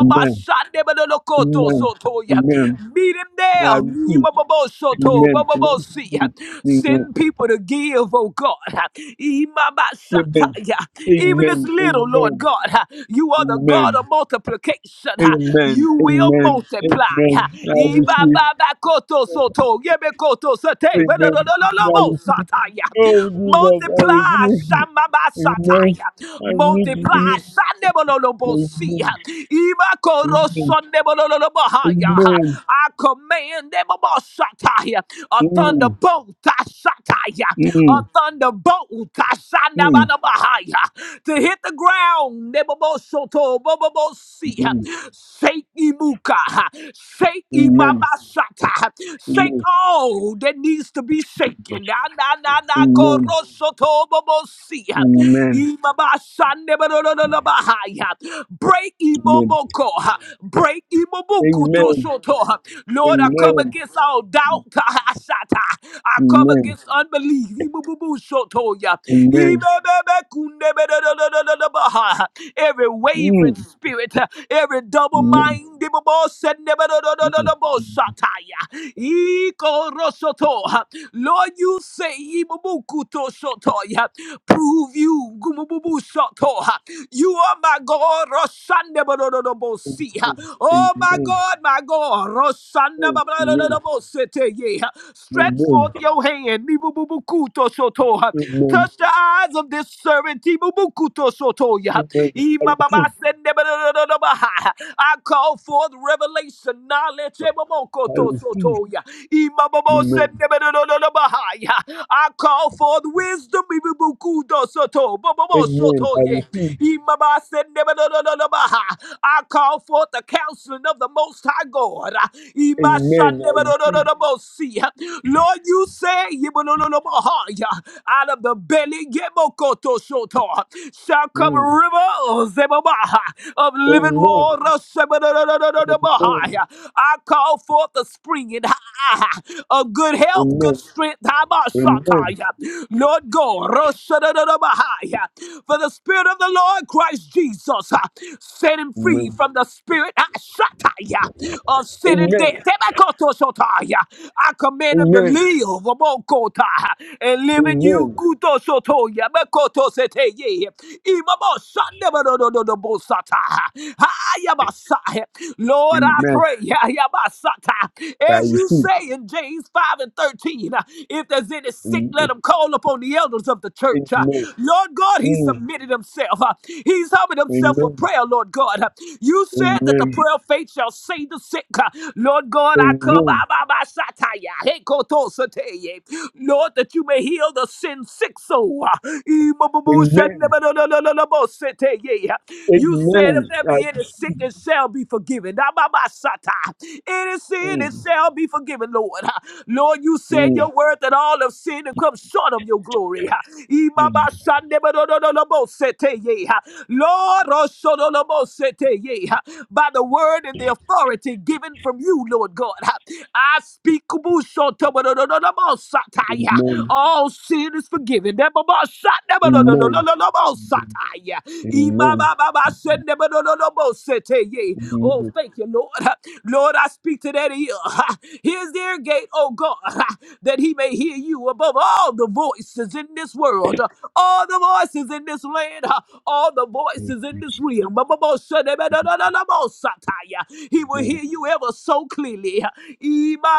[SPEAKER 3] Amen. Amen.
[SPEAKER 2] sotoya.
[SPEAKER 3] Amen.
[SPEAKER 2] Meet him there.
[SPEAKER 3] I receive.
[SPEAKER 2] Imabobosoto,
[SPEAKER 3] Amen. Amen.
[SPEAKER 2] bobobosi, uh, Send people to give, oh God. uh, Imabashataya. Even this
[SPEAKER 3] Amen. Amen.
[SPEAKER 2] little,
[SPEAKER 3] Amen.
[SPEAKER 2] Lord God, uh, you are the God of
[SPEAKER 3] Amen.
[SPEAKER 2] multiplication. ha.
[SPEAKER 3] Amen.
[SPEAKER 2] You will
[SPEAKER 3] Amen.
[SPEAKER 2] multiply. ha.
[SPEAKER 3] Amen. I receive.
[SPEAKER 2] Ibababakoto soto, yebekoto sate,
[SPEAKER 3] Amen. I
[SPEAKER 2] bedododolobo
[SPEAKER 3] receive.
[SPEAKER 2] sataya.
[SPEAKER 3] Oh, Jesus, I
[SPEAKER 2] Multiply,
[SPEAKER 3] receive.
[SPEAKER 2] shambaba
[SPEAKER 3] Amen.
[SPEAKER 2] sataya.
[SPEAKER 3] I need you.
[SPEAKER 2] Multiply, shandebololobo
[SPEAKER 3] need
[SPEAKER 2] siya.
[SPEAKER 3] you.
[SPEAKER 2] Ibakoro sondebololobo
[SPEAKER 3] Amen.
[SPEAKER 2] haya.
[SPEAKER 3] Amen.
[SPEAKER 2] I command them, sataya, a
[SPEAKER 3] Amen.
[SPEAKER 2] thunderbolt. huh? Sataya, a
[SPEAKER 3] Mm.
[SPEAKER 2] thunderbolt
[SPEAKER 3] Mm.
[SPEAKER 2] Kashandabanabahaya, to hit the ground. Nebobosoto, bobobosi,
[SPEAKER 3] Mm.
[SPEAKER 2] Shake Imuka, shake
[SPEAKER 3] Amen.
[SPEAKER 2] Imabasata, shake
[SPEAKER 3] Amen.
[SPEAKER 2] all that needs to be shaken. Na na na na
[SPEAKER 3] Amen.
[SPEAKER 2] korosoto bobosi,
[SPEAKER 3] Amen.
[SPEAKER 2] Imabasandebanabahaya. Break Imoboko, break Imobuku to
[SPEAKER 3] Amen.
[SPEAKER 2] soto.
[SPEAKER 3] Amen.
[SPEAKER 2] Lord, I
[SPEAKER 3] Amen.
[SPEAKER 2] come against all doubt. I come against unbelief. Ibububushotoya.
[SPEAKER 3] Amen. Amen.
[SPEAKER 2] Ibebebekundebedodododododaba. Every wavering
[SPEAKER 3] Mm. Amen.
[SPEAKER 2] spirit, every double mind.
[SPEAKER 3] Mm.
[SPEAKER 2] Lord, you say, Ibubukutosotoya. prove you. Gumububushoto. You are my God see.
[SPEAKER 3] Amen.
[SPEAKER 2] Oh my
[SPEAKER 3] Amen.
[SPEAKER 2] God, my God. Rosanda
[SPEAKER 3] Amen.
[SPEAKER 2] Babalodobosete, yeah. Stretch
[SPEAKER 3] Amen.
[SPEAKER 2] forth your hand. Nibububukuto soto.
[SPEAKER 3] Amen.
[SPEAKER 2] Touch the eyes of this servant. Tibubukuto soto, yeah.
[SPEAKER 3] Amen. I receive.
[SPEAKER 2] I call forth revelation, knowledge.
[SPEAKER 3] I
[SPEAKER 2] Ebomokoto
[SPEAKER 3] receive.
[SPEAKER 2] soto, yeah.
[SPEAKER 3] Amen.
[SPEAKER 2] yeah. I call forth wisdom. Ibubukudo soto
[SPEAKER 3] Amen. I
[SPEAKER 2] soto ye.
[SPEAKER 3] receive.
[SPEAKER 2] Imaba sendeba do do do do ba. ha. I call forth the counseling of the Most High God. Ima
[SPEAKER 3] Amen. I
[SPEAKER 2] shandeba do do do
[SPEAKER 3] receive.
[SPEAKER 2] do bo si. Lord, you say, yibo do do do bo ha ya. out of the belly yebo koto soto, shall come
[SPEAKER 3] Amen.
[SPEAKER 2] rivers zebo ba ba ha, of living
[SPEAKER 3] Amen.
[SPEAKER 2] water. Sebo do do do do do do ba ha
[SPEAKER 3] Amen.
[SPEAKER 2] ya. I call forth the springing ha, ha, ha, of good health, good
[SPEAKER 3] Amen.
[SPEAKER 2] strength.
[SPEAKER 3] Amen.
[SPEAKER 2] Lord God, Roshadadadabahaya. for the Spirit of the Lord Christ Jesus uh, set him free from the spirit uh, Shataya, of sin and death.
[SPEAKER 3] Amen.
[SPEAKER 2] Tebakotoshotaya. I command him to
[SPEAKER 3] Amen.
[SPEAKER 2] live Obokota, and live in
[SPEAKER 3] Amen.
[SPEAKER 2] you. Kutosotoya, Bekotoseteye, Imabosandebadododobosata. Hayabasa. Lord,
[SPEAKER 3] Amen.
[SPEAKER 2] I
[SPEAKER 3] Amen.
[SPEAKER 2] pray Hayabasata,
[SPEAKER 3] I
[SPEAKER 2] as you you
[SPEAKER 3] receive.
[SPEAKER 2] say in James 5 and 13, uh, if there's any sick, let
[SPEAKER 3] Amen.
[SPEAKER 2] him call upon the elders of the church. uh.
[SPEAKER 3] Amen.
[SPEAKER 2] Lord God, he
[SPEAKER 3] Mm.
[SPEAKER 2] submitted himself. uh, He's humbled himself for
[SPEAKER 3] Amen.
[SPEAKER 2] prayer, Lord God. uh. You said that the
[SPEAKER 3] Amen.
[SPEAKER 2] prayer of faith shall save the sick. uh. Lord God, I come,
[SPEAKER 3] Amen.
[SPEAKER 2] ah, bah, bah, sataya, hey, koto, sataya. Lord, that you may heal the sin sick soul. uh. Ee, bu- bu- bu- shan-
[SPEAKER 3] Amen.
[SPEAKER 2] na- ba- na- na- na- na- na- bo- sataya. You said,
[SPEAKER 3] Amen.
[SPEAKER 2] if there
[SPEAKER 3] I-
[SPEAKER 2] be any sick, it shall be be forgiven. Ah, ba bah, sata. Any sin, it
[SPEAKER 3] Mm.
[SPEAKER 2] shall be forgiven, Lord. Ah, Lord, you said
[SPEAKER 3] Mm.
[SPEAKER 2] your word that all of sin and come short of your glory. Ah, ee, bah, bah, shande, bah, do, do, do, do, bo, sete, ye. Ah, Lord, oh, so, do, do, bo, sete, ye. Ah, by the word and the authority given from you, Lord God. Ah, I speak kubuso, to, ba do, do, do, do, bo, sata,
[SPEAKER 3] Mm.
[SPEAKER 2] ya.
[SPEAKER 3] Amen.
[SPEAKER 2] all sin is forgiven. Da, ba bah, shande, ba do, do, do, do,
[SPEAKER 3] Amen.
[SPEAKER 2] do, do, bo, sata, ya. Imabababashendebedododobosete.
[SPEAKER 3] Amen.
[SPEAKER 2] Oh,
[SPEAKER 3] Amen.
[SPEAKER 2] thank you, Lord. Lord, I speak to that ear. Here's the ear gate, oh God, that he may hear you above all the voices in this world, all the voices in this land, all the voices in this realm. Bababoshendebedododobosataya. He will
[SPEAKER 3] Amen.
[SPEAKER 2] hear you ever so clearly.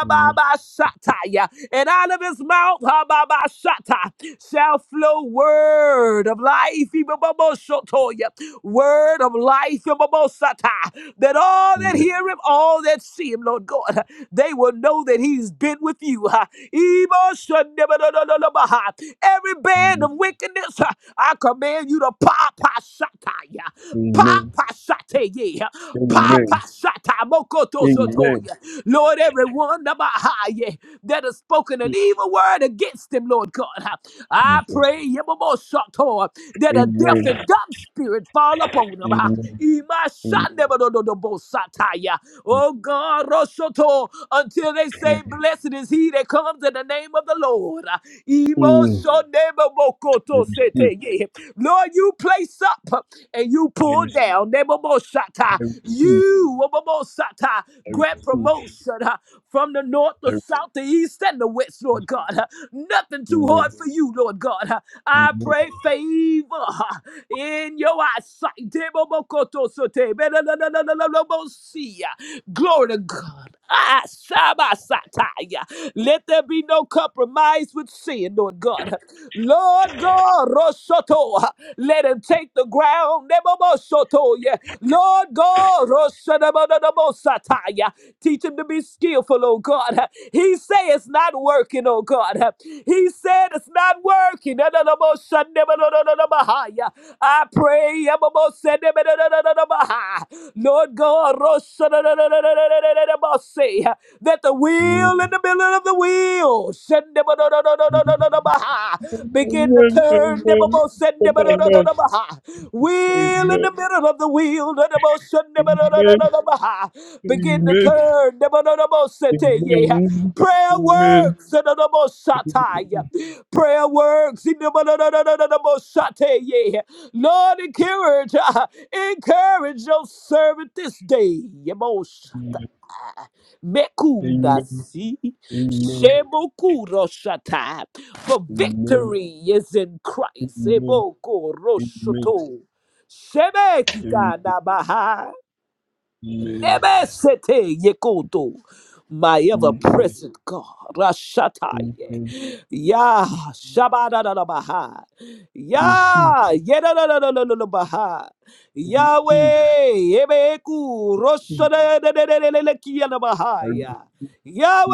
[SPEAKER 3] Amen.
[SPEAKER 2] And out of his mouth, Rabashata shall flow word of life, Ibababoshotoya, word of life, Ibababosata, that all that
[SPEAKER 3] Amen.
[SPEAKER 2] hear him, all that see him, Lord God, they will know that he's been with you. ha. Iboshanebadadadadabaha. Every band of wickedness, ha, I command you to pop, pop, shataya, pop,
[SPEAKER 3] Amen.
[SPEAKER 2] pop, shataya, pop, pop,
[SPEAKER 3] Amen.
[SPEAKER 2] ha, shata, mokoto,
[SPEAKER 3] Amen.
[SPEAKER 2] sotoya. Lord, everyone, nabaha, yeah that has spoken an
[SPEAKER 3] In
[SPEAKER 2] evil word against him, Lord God. I
[SPEAKER 3] Jesus.
[SPEAKER 2] pray Yemamoshato, that a deaf
[SPEAKER 3] Amen.
[SPEAKER 2] and dumb spirit fall upon him.
[SPEAKER 3] Amen. Amen.
[SPEAKER 2] Imashandebododobosataya. Oh God, Roshoto, until they say, Blessed is he that comes in the name of the Lord.
[SPEAKER 3] Amen. I receive.
[SPEAKER 2] Emoshonebobokotosete. Lord, you place up and you
[SPEAKER 3] I
[SPEAKER 2] pull
[SPEAKER 3] receive.
[SPEAKER 2] down. Nebobosata. You, Obobosata,
[SPEAKER 3] I
[SPEAKER 2] grant
[SPEAKER 3] receive.
[SPEAKER 2] promotion uh, from the north,
[SPEAKER 3] I
[SPEAKER 2] the
[SPEAKER 3] receive.
[SPEAKER 2] south, the east, and the west, Lord God. Uh, Nothing too hard
[SPEAKER 3] Amen.
[SPEAKER 2] for you, Lord God. Uh, I
[SPEAKER 3] Amen.
[SPEAKER 2] pray favor uh, in your eyesight. Debobokotosote. Belelelelelelebosia. Glory to God. Ah, Shabasataya. Let there be no compromise with sin, Lord God. Lord God, Rosoto, let him take the ground. Nebobosoto, yeah. Lord God, Rosadabadabosataya. teach him to be skillful, oh God. He say it's not working, oh God. He said it's not working. Nanabosanebadadadabahaya. I pray. Ebobosanebodododobahaya. Lord God, that the wheel
[SPEAKER 3] Amen.
[SPEAKER 2] in the middle of the wheel Shendebadododododododobaha. begin to
[SPEAKER 3] Amen.
[SPEAKER 2] turn.
[SPEAKER 3] Amen.
[SPEAKER 2] Debabo
[SPEAKER 3] Oh my God.
[SPEAKER 2] Sendebadodododobaha. Wheel in the
[SPEAKER 3] Amen.
[SPEAKER 2] middle of the wheel. Debabo
[SPEAKER 3] Amen.
[SPEAKER 2] Sendebadodododobaha. Begin to
[SPEAKER 3] Amen.
[SPEAKER 2] turn. Debadodabo Sete,
[SPEAKER 3] Amen.
[SPEAKER 2] yeah.
[SPEAKER 3] Amen.
[SPEAKER 2] Prayer
[SPEAKER 3] Amen.
[SPEAKER 2] works. Debabo
[SPEAKER 3] Amen.
[SPEAKER 2] Shatai, yeah. Prayer works. Debadododododabo Shate, yeah. Lord, encourage, uh, encourage your servant this day. Mekunda si Sheboku Roshata. For victory is in Christ.
[SPEAKER 3] Amen.
[SPEAKER 2] Eboko
[SPEAKER 3] Amen. Amen.
[SPEAKER 2] Roshoto.
[SPEAKER 3] Amen.
[SPEAKER 2] Shebekita Nabaha.
[SPEAKER 3] Amen.
[SPEAKER 2] Never ceasing, Yehovah, my
[SPEAKER 3] we we
[SPEAKER 2] ever-present God. Rasha ta
[SPEAKER 3] we
[SPEAKER 2] ye, ya shabada la bah,
[SPEAKER 3] we receive
[SPEAKER 2] ya ye la la la la la la bah,
[SPEAKER 3] receive
[SPEAKER 2] Yahweh Yehovah, ku
[SPEAKER 3] receive
[SPEAKER 2] roshada la la la la la la la kia la
[SPEAKER 3] I
[SPEAKER 2] bah,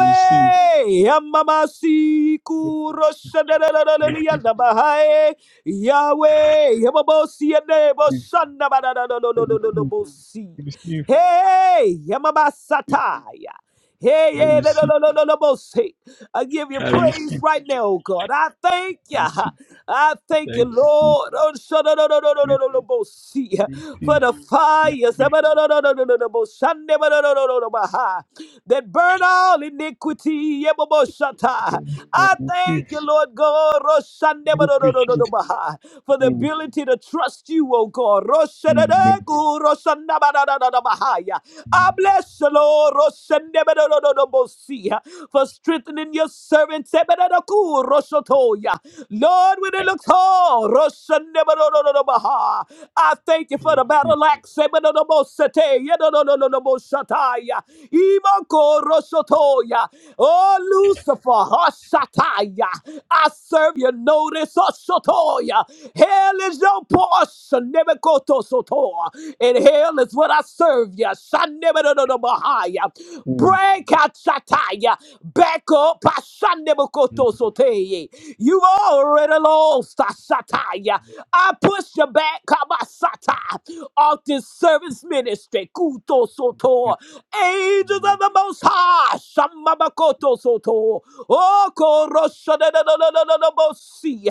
[SPEAKER 3] receive
[SPEAKER 2] Yamma masiku roshada la la la la la la la
[SPEAKER 3] receive
[SPEAKER 2] yanda bah, Yahweh Yabo bo siye ne bo shanda la la la la
[SPEAKER 3] receive I
[SPEAKER 2] la la la
[SPEAKER 3] receive
[SPEAKER 2] bo si.
[SPEAKER 3] receive
[SPEAKER 2] Hey, Yamabasataya. Hey,
[SPEAKER 3] I
[SPEAKER 2] yeah, no,
[SPEAKER 3] receive
[SPEAKER 2] no, no, no, no, no, no, see. I give you
[SPEAKER 3] I
[SPEAKER 2] praise
[SPEAKER 3] receive
[SPEAKER 2] right now, oh God. I thank you.
[SPEAKER 3] receive
[SPEAKER 2] I
[SPEAKER 3] I
[SPEAKER 2] thank you,
[SPEAKER 3] receive
[SPEAKER 2] Lord. Oh, so, no, no, no, no, no, no,
[SPEAKER 3] receive
[SPEAKER 2] no, no, no, see. For
[SPEAKER 3] receive I
[SPEAKER 2] the fires no,
[SPEAKER 3] receive
[SPEAKER 2] no, no, no, no, no, no, no, no, Sunday, no, no, no, no, no, no, bah, that burn all iniquity. Yeah, Yamabasata. I thank you, Lord God. Oh, Sunday, no,
[SPEAKER 3] you
[SPEAKER 2] no, no, no, no,
[SPEAKER 3] preaches
[SPEAKER 2] no, bah for the
[SPEAKER 3] Amen.
[SPEAKER 2] ability to trust you, oh God.
[SPEAKER 3] Amen.
[SPEAKER 2] Roshadadegu, roshanabadadadadabahaya. I
[SPEAKER 3] Amen.
[SPEAKER 2] bless you, Lord, roshanebedododobosiya, for strengthening your servants. Ebedadaku, roshotoya. Lord, when it looks all, roshanebedodododobahaya. I thank you for
[SPEAKER 3] Amen.
[SPEAKER 2] the battle axe. Ebedodobosete, yedodododoboshataya. Manko Roshotoya. Oh, Lucifer, Hoshataya. I serve you. Notice Hoshotoya. Hell is your portion. Nebekoto Sotoa. And hell is what I serve you. Shanebedodomahaya.
[SPEAKER 3] Amen.
[SPEAKER 2] Break out Shataya. Back up. Shanebekoto
[SPEAKER 3] Amen.
[SPEAKER 2] Soteye. You've already lost Shataya. I push you back, Kabasata, off this service ministry. Kuto
[SPEAKER 3] Amen.
[SPEAKER 2] soto. Angels of the Most High. Shamabakoto soto. Oko rosha de de de de de de de bosi.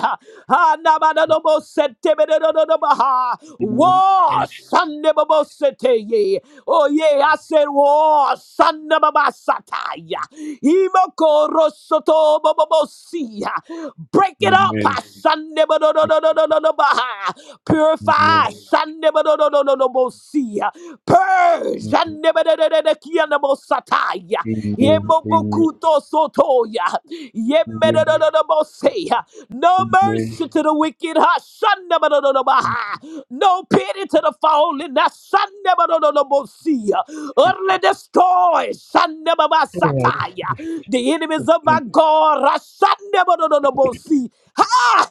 [SPEAKER 2] Ha na ba de de bose te be de de de de ba ha.
[SPEAKER 3] Amen.
[SPEAKER 2] War. Shande ba bose te ye. Oh yeah, I said war. Shande ba ba sataya. Imoko rosho to ba ba bosi. Break it up. Ha. Shande ba de de de de de de de ha. Purify. Shande ba de de de de de bosi. Purge. and never, Andebedededeki andebosataya. Yemobokuto sotoya.
[SPEAKER 3] Amen.
[SPEAKER 2] Yemedododobose. No
[SPEAKER 3] Amen.
[SPEAKER 2] mercy to the wicked. Hashandabadododobah. No pity to the fallen. Hashandabadododobose. Utterly destroy. Shandababasataya. The enemies of my
[SPEAKER 3] Amen.
[SPEAKER 2] God. ha! Hashandabadododobose. Ha!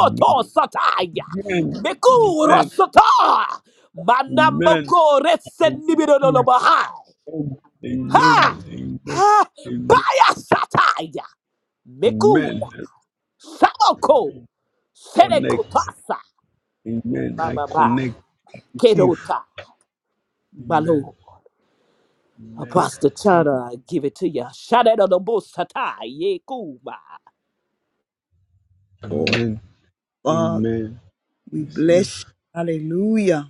[SPEAKER 3] Amen.
[SPEAKER 2] sataya.
[SPEAKER 3] Amen.
[SPEAKER 2] Meku
[SPEAKER 3] Amen.
[SPEAKER 2] rosota.
[SPEAKER 3] Amen.
[SPEAKER 2] Manamboko
[SPEAKER 3] Amen.
[SPEAKER 2] resenibidodobah.
[SPEAKER 3] Amen.
[SPEAKER 2] Ha! Ha!
[SPEAKER 3] Amen. Amen.
[SPEAKER 2] Baya sataya! Mekuna!
[SPEAKER 3] Amen. I
[SPEAKER 2] Samoko!
[SPEAKER 3] connect.
[SPEAKER 2] Senekotasa!
[SPEAKER 3] Amen. I
[SPEAKER 2] Mama ma!
[SPEAKER 3] connect. Receive.
[SPEAKER 2] Kerota!
[SPEAKER 3] Amen.
[SPEAKER 2] Malo!
[SPEAKER 3] Amen.
[SPEAKER 2] Apostle Chana, I give it to you. Shadow of the Bosata, ye kuma.
[SPEAKER 1] Lord.
[SPEAKER 3] Amen.
[SPEAKER 1] Father,
[SPEAKER 3] Amen.
[SPEAKER 1] we
[SPEAKER 3] Receive.
[SPEAKER 1] bless you. Hallelujah.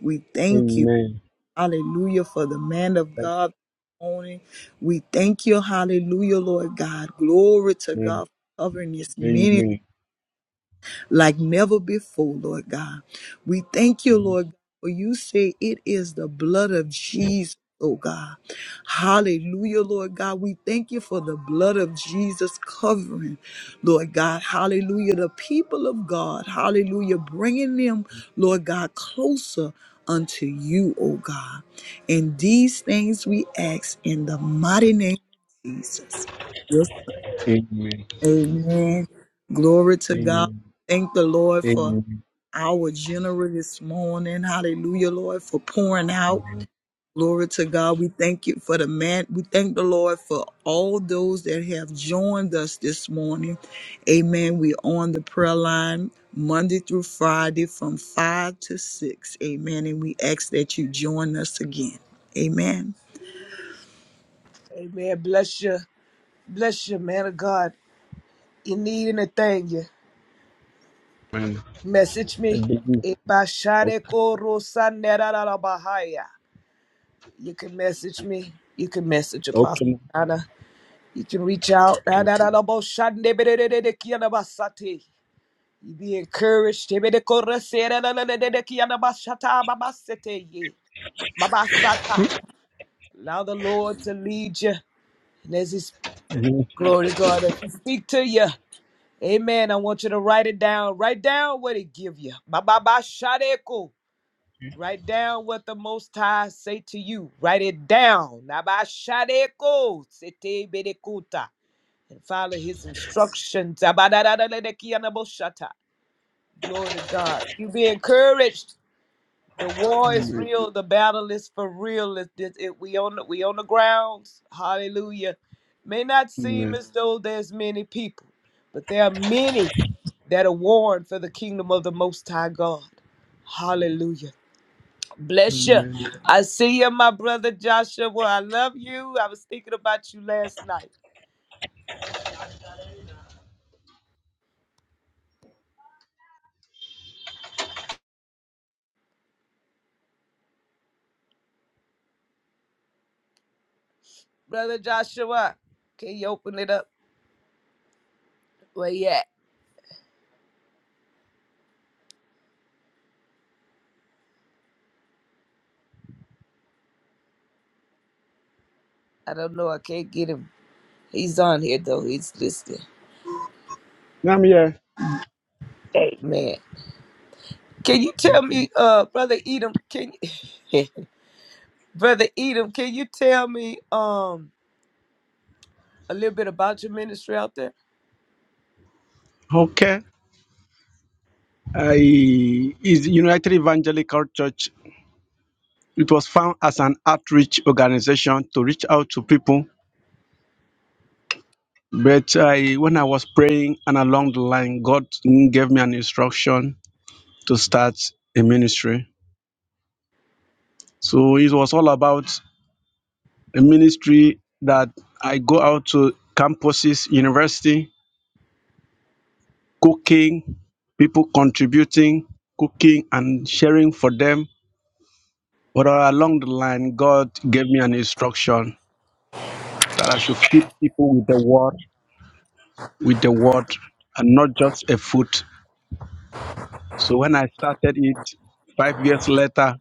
[SPEAKER 1] We thank you.
[SPEAKER 3] Amen.
[SPEAKER 1] Hallelujah for the man of God. this morning. We thank you. Hallelujah, Lord God. Glory to
[SPEAKER 3] Amen.
[SPEAKER 1] God for covering this
[SPEAKER 3] Amen.
[SPEAKER 1] ministry.
[SPEAKER 3] Amen.
[SPEAKER 1] like never before, Lord God. We thank you, Lord, God, for you say it is the blood of Jesus. Oh God. Hallelujah, Lord God. We thank you for the blood of Jesus covering, Lord God. Hallelujah. The people of God. Hallelujah. Bringing them, Lord God, closer unto you, oh God. And these things we ask in the mighty name of Jesus. your Amen. Glory to God.
[SPEAKER 3] Amen.
[SPEAKER 1] Thank the Lord for
[SPEAKER 3] Amen.
[SPEAKER 1] our general this morning. Hallelujah, Lord, for pouring out. Glory to God. We thank you for the man. We thank the Lord for all those that have joined us this morning. Amen. We're on the prayer line Monday through Friday from 5 to 6. Amen. And we ask that you join us again. Amen.
[SPEAKER 2] Amen. Bless you. Bless you, man of God. You need anything, you
[SPEAKER 3] Amen.
[SPEAKER 2] message
[SPEAKER 3] I
[SPEAKER 2] me.
[SPEAKER 3] believe.
[SPEAKER 2] Ibashare
[SPEAKER 3] Okay.
[SPEAKER 2] koro sanera la bahaya, You can message me. You can message Apostle
[SPEAKER 3] Okay.
[SPEAKER 2] China. You can reach out. Ah, da, da, da, bo, shande, be, de, de, de, de, ki, ana, ba, You be encouraged. Te, be, de, korre, se, da, da, da, da, da, da, ki, ana, ba, ba, ba, ye. Ba, ba, Allow the Lord to lead you. And as His
[SPEAKER 3] Amen.
[SPEAKER 2] glory to God, as He speak to you. Amen. I want you to write it down. Write down what He give you. Ba, ba, ba, shadeko. Write down what the Most High say to you. Write it down. Nabashadeko sete bedekuta. And follow his instructions. Glory to God. You be encouraged. The war is real. The battle is for real. It, it, it- we on the, we on the grounds. Hallelujah. May not seem
[SPEAKER 3] Amen.
[SPEAKER 2] as though there's many people, but there are many that are warring for the kingdom of the Most High God. Hallelujah. Bless you.
[SPEAKER 3] Amen.
[SPEAKER 2] I see you, my brother Joshua. I love you. I was thinking about you last night. Brother Joshua, can you open it up? Where you at? I don't know. I can't get him. He's on here though. He's listening.
[SPEAKER 3] Now I'm here.
[SPEAKER 2] Amen. Can you tell me, uh, brother Edom? Can you, brother Edom? Can you tell me, um, a little bit about your ministry out there?
[SPEAKER 3] Okay. I is the United Evangelical Church. It was found as an outreach organization to reach out to people. But I, when I was praying and along the line, God gave me an instruction to start a ministry. So it was all about a ministry that I go out to campuses, university, cooking, people contributing, cooking and sharing for them. But along the line, God gave me an instruction So that I should feed people with the word, with the word, and not just a food. So when I started it, five years later,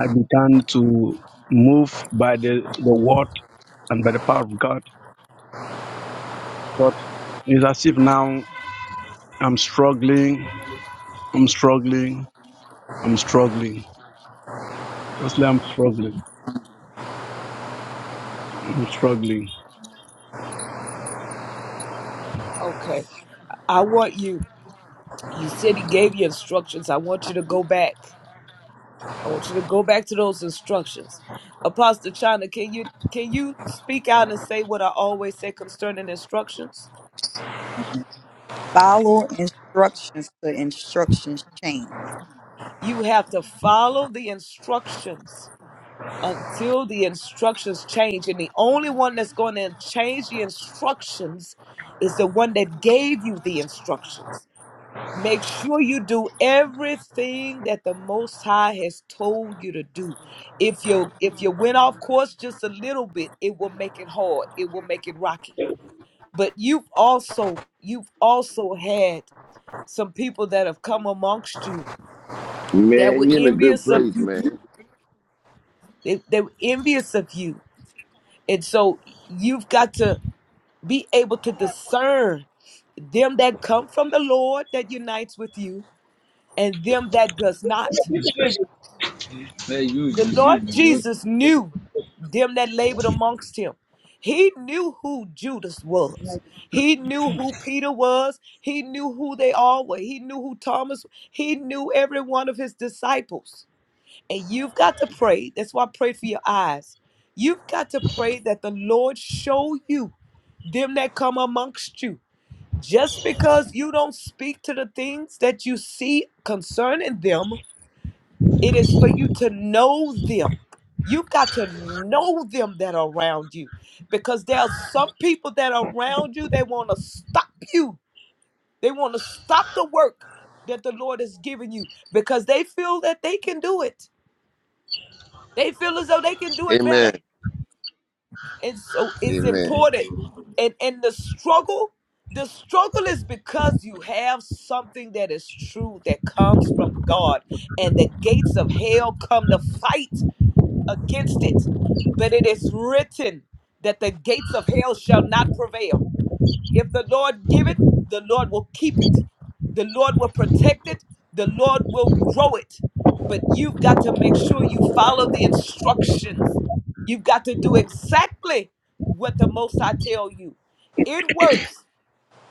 [SPEAKER 3] I began to move by the, the word and by the power of God. But it's as if now I'm struggling, I'm struggling, I'm struggling. Firstly, I'm struggling, I'm struggling.
[SPEAKER 2] Okay. I want you. You said he gave you instructions. I want you to go back. I want you to go back to those instructions. Apostle China, can you can you speak out and say what I always say concerning instructions?
[SPEAKER 1] Mm-hmm. Follow instructions to instructions change.
[SPEAKER 2] You have to follow the instructions until the instructions change. And the only one that's going to change the instructions is the one that gave you the instructions. Make sure you do everything that the Most High has told you to do. If you if you went off course just a little bit, it will make it hard. It will make it rocky. But you've also you've also had some people that have come amongst you that were
[SPEAKER 4] Man, you are in a good
[SPEAKER 2] envious of
[SPEAKER 4] place,
[SPEAKER 2] you.
[SPEAKER 4] man.
[SPEAKER 2] They, they were envious of you, and so you've got to be able to discern them that come from the Lord that unites with you and them that does not.
[SPEAKER 3] Hey, you,
[SPEAKER 2] The
[SPEAKER 3] you,
[SPEAKER 2] Lord
[SPEAKER 3] you, you.
[SPEAKER 2] Jesus knew them that labored amongst him. He knew who Judas was. He knew who Peter was. He knew who they all were. He knew who Thomas. He knew every one of his disciples. And you've got to pray. That's why I pray for your eyes. You've got to pray that the Lord show you them that come amongst you Just because you don't speak to the things that you see concerning them, it is for you to know them. You've got to know them that are around you because there are some people that are around you, they want to stop you. They want to stop the work that the Lord has given you because they feel that they can do it. They feel as though they can do it better.
[SPEAKER 4] Amen.
[SPEAKER 2] And so it's
[SPEAKER 4] Amen.
[SPEAKER 2] important. And and the struggle, the struggle is because you have something that is true that comes from God. And the gates of hell come to fight against it. But it is written that the gates of hell shall not prevail. If the Lord give it, the Lord will keep it. The Lord will protect it. The Lord will grow it. But you've got to make sure you follow the instructions. You've got to do exactly what the Most I tell you. It works,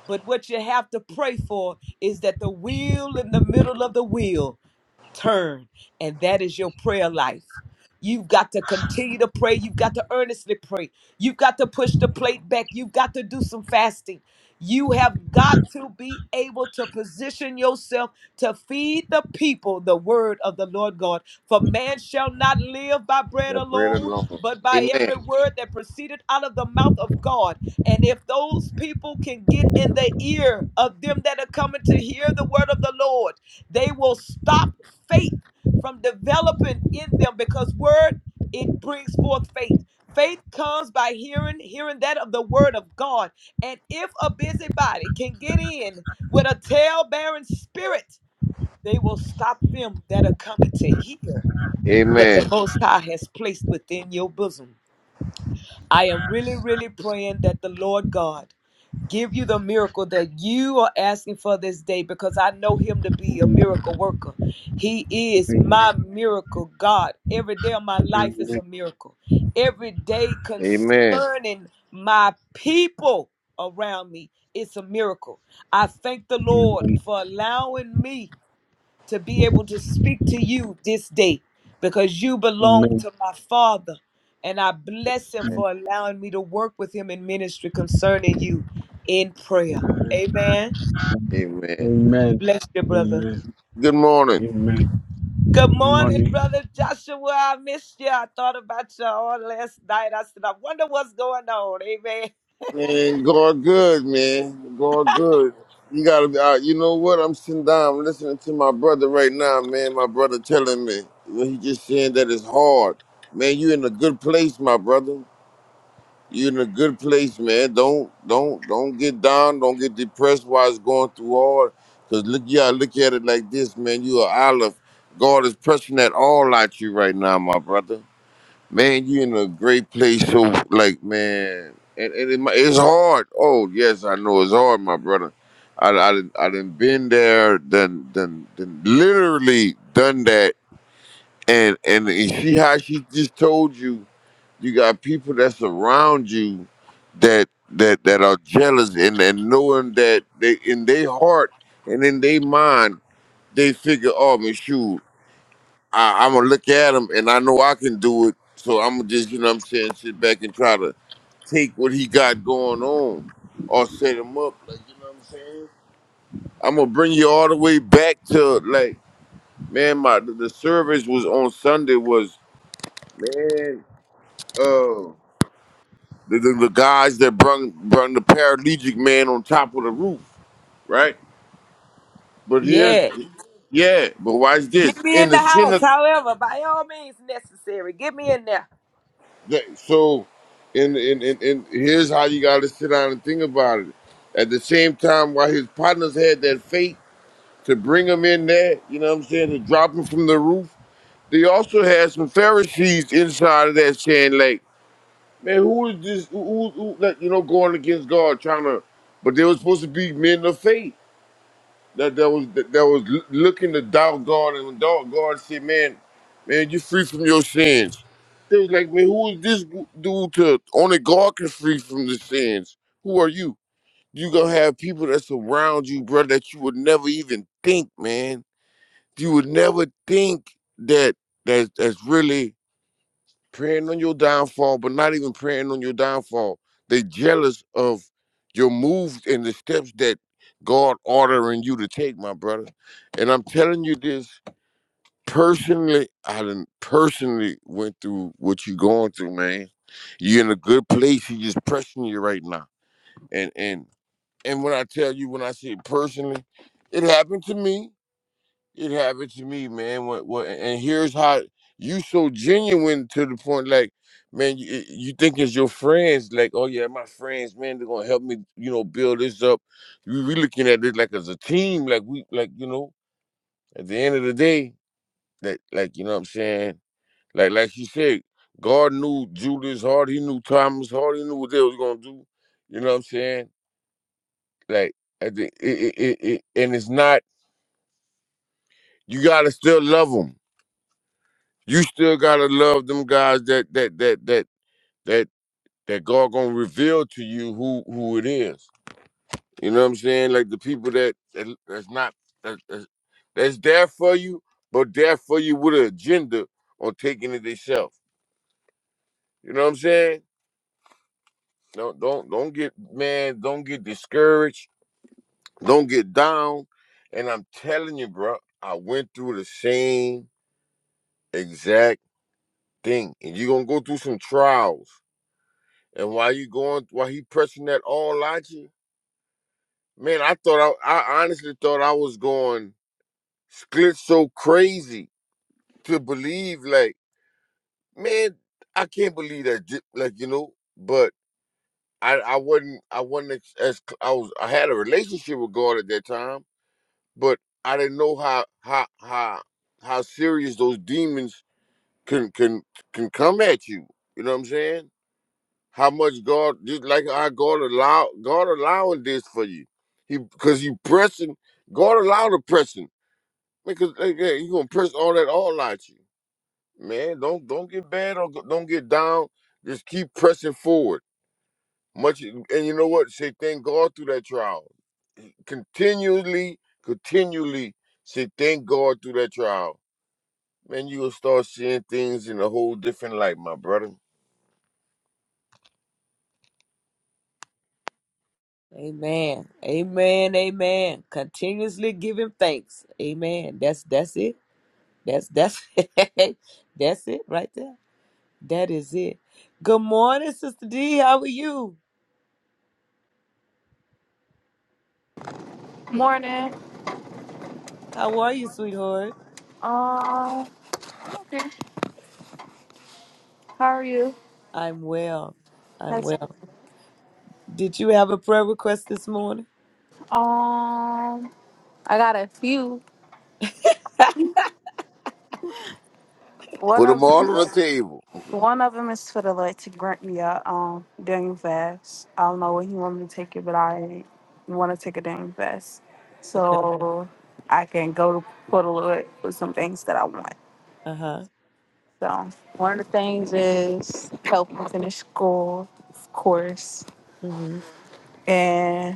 [SPEAKER 2] but what you have to pray for is that the wheel in the middle of the wheel turn. And that is your prayer life. You've got to continue to pray. You've got to earnestly pray. You've got to push the plate back. You've got to do some fasting. You have got to be able to position yourself to feed the people the word of the Lord God. For man shall not live by bread
[SPEAKER 4] Now bread
[SPEAKER 2] alone,
[SPEAKER 4] alone.
[SPEAKER 2] but by every
[SPEAKER 4] Amen.
[SPEAKER 2] word that proceeded out of the mouth of God. And if those people can get in the ear of them that are coming to hear the word of the Lord, they will stop faith from developing in them because word it brings forth faith faith comes by hearing hearing that of the word of god and if a busybody can get in with a tail-bearing spirit they will stop them that are coming to hear that the
[SPEAKER 4] Amen.
[SPEAKER 2] most high has placed within your bosom i am really really praying that the lord god give you the miracle that you are asking for this day because I know him to be a miracle worker. He is
[SPEAKER 3] Amen.
[SPEAKER 2] my miracle God. Every day of my life is a
[SPEAKER 3] Amen.
[SPEAKER 2] miracle. Every day
[SPEAKER 4] Amen.
[SPEAKER 2] concerning my people around me, it's a miracle. I thank the Lord for allowing me to be able to speak to you this day because you belong
[SPEAKER 3] Amen.
[SPEAKER 2] to my Father. And I bless him for allowing me to work with him in ministry concerning you in prayer.
[SPEAKER 3] Amen.
[SPEAKER 2] Amen.
[SPEAKER 4] Amen.
[SPEAKER 3] Amen.
[SPEAKER 2] Bless you, brother.
[SPEAKER 3] Amen.
[SPEAKER 4] Good morning.
[SPEAKER 3] Amen.
[SPEAKER 2] Good
[SPEAKER 3] Good
[SPEAKER 2] morning,
[SPEAKER 3] morning.
[SPEAKER 2] brother Joshua. I missed you. I thought about you all last night. I said, I wonder what's going on. Amen.
[SPEAKER 4] Man, God good, man. God good. You gotta be out. You know what? I'm sitting down, I'm listening to my brother right now, man. My brother telling me. Well, He just saying that it's hard. Man, you in a good place, my brother. you in a good place, man. Don't don't don't get down. Don't get depressed while it's going through all. Cause look, yeah, look at it like this, man. You are olive. God is pressing that all out you right now, my brother. Man, you in a great place. So like, man, and, and it, mi- it's hard. Oh yes, I know it's hard, my brother. I I done- I done been there, done done, done literally done that. And and and see how she just told you. You got people that's around you that that that are jealous and, and knowing that they in their heart and in their mind they figure, oh man, shoot, I, I'm gonna look at him and I know I can do it, so I'm gonna just you know what I'm saying sit back and try to take what he got going on or set him up, like you know what I'm saying. I'm gonna bring you all the way back to like man, my the the service was on Sunday was man. uh, the, the, the guys that brung brung the paralytic man on top of the roof, right? But here's
[SPEAKER 2] Yeah.
[SPEAKER 4] yeah, but watch
[SPEAKER 2] Get
[SPEAKER 4] this
[SPEAKER 2] me
[SPEAKER 4] in
[SPEAKER 2] in the
[SPEAKER 4] the
[SPEAKER 2] house,
[SPEAKER 4] synagogue.
[SPEAKER 2] however, by all means necessary. Get me in there.
[SPEAKER 4] So, in in in, in here's how you got to sit down and think about it. At the same time, while his partners had that faith to bring him in there, you know what I'm saying, to drop him from the roof, they also had some Pharisees inside of that saying like, man, who is this? Who, who, who like, you know going against God, trying to? But they were supposed to be men of faith that that was that, that was l- looking to doubt God and when doubt God said, "Man, man, you free from your sins." They was like, "Man, who is this dude to only God can free from the sins? Who are you? You gonna have people that surround you, brother, that you would never even think, man. You would never think that that that's really." praying on your downfall, but not even praying on your downfall. They jealous of your moves and the steps that God ordering you to take, my brother. And I'm telling you this personally. I done personally went through what you going through, man. You're in a good place. He just pressing you right now. And and and when I tell you, when I say personally, it happened to me. It happened to me, man. What, what, and here's how you so genuine to the point, like, man, you, you think it's your friends, like, oh yeah, my friends, man, they're gonna help me, you know, build this up. We, we looking at it like as a team, like we, like you know, at the end of the day, that, like, you know, what I'm saying, like, like you said, God knew Judas Hart, he knew Thomas Hart, he knew what they was gonna do. You know what I'm saying? Like, at the, it, it, it, it, and it's not. You gotta still love them You still gotta love them guys that that that that that that God gonna reveal to you who who it is. You know what I'm saying? Like the people that, that that's not that, that's, that's there for you, but there for you with an agenda on taking it themselves. You know what I'm saying? Don't don't don't get man, don't get discouraged, don't get down. And I'm telling you, bro, I went through the same exact thing, and you're gonna go through some trials And while you going, while he pressing that all at you, man, I thought I, I honestly thought I was going split so crazy to believe like, man, I can't believe that, j- like you know. But I, I wasn't, I wasn't ex- as cl- I was, I had a relationship with God at that time, but I didn't know how how how how serious those demons can can can come at you. You know what I'm saying? How much God just like how God allow God allowing this for you. He because you pressing God allow the pressing. Because like, yeah, you gonna press all that all out you. Man, don't don't get bad or go- don't get down. Just keep pressing forward. Much and you know what? Say thank God through that trial. Continually, continually say thank God through that trial. Man, you will start seeing things in a whole different light, my brother.
[SPEAKER 2] Amen. Amen. Amen. Continuously giving thanks. Amen. That's that's it. That's that's that's it right there. That is it. Good morning, Sister D. How are you?
[SPEAKER 5] Morning.
[SPEAKER 2] How are you, sweetheart?
[SPEAKER 5] Um, okay. How are you?
[SPEAKER 2] I'm well. I'm
[SPEAKER 5] That's
[SPEAKER 2] well. Did you have a prayer request this morning?
[SPEAKER 5] um. I got a few. One
[SPEAKER 4] Put them
[SPEAKER 5] of
[SPEAKER 4] all on the table.
[SPEAKER 5] one of them is for the Lord to grant me a um Daniel fast. I don't know when He want me to take it, but I want to take a Daniel fast,
[SPEAKER 2] Okay.
[SPEAKER 5] so I can go to for the Lord with some things that I want.
[SPEAKER 2] Uh huh.
[SPEAKER 5] So one of the things is help me finish school, of course,
[SPEAKER 2] Mm-hmm.
[SPEAKER 5] and.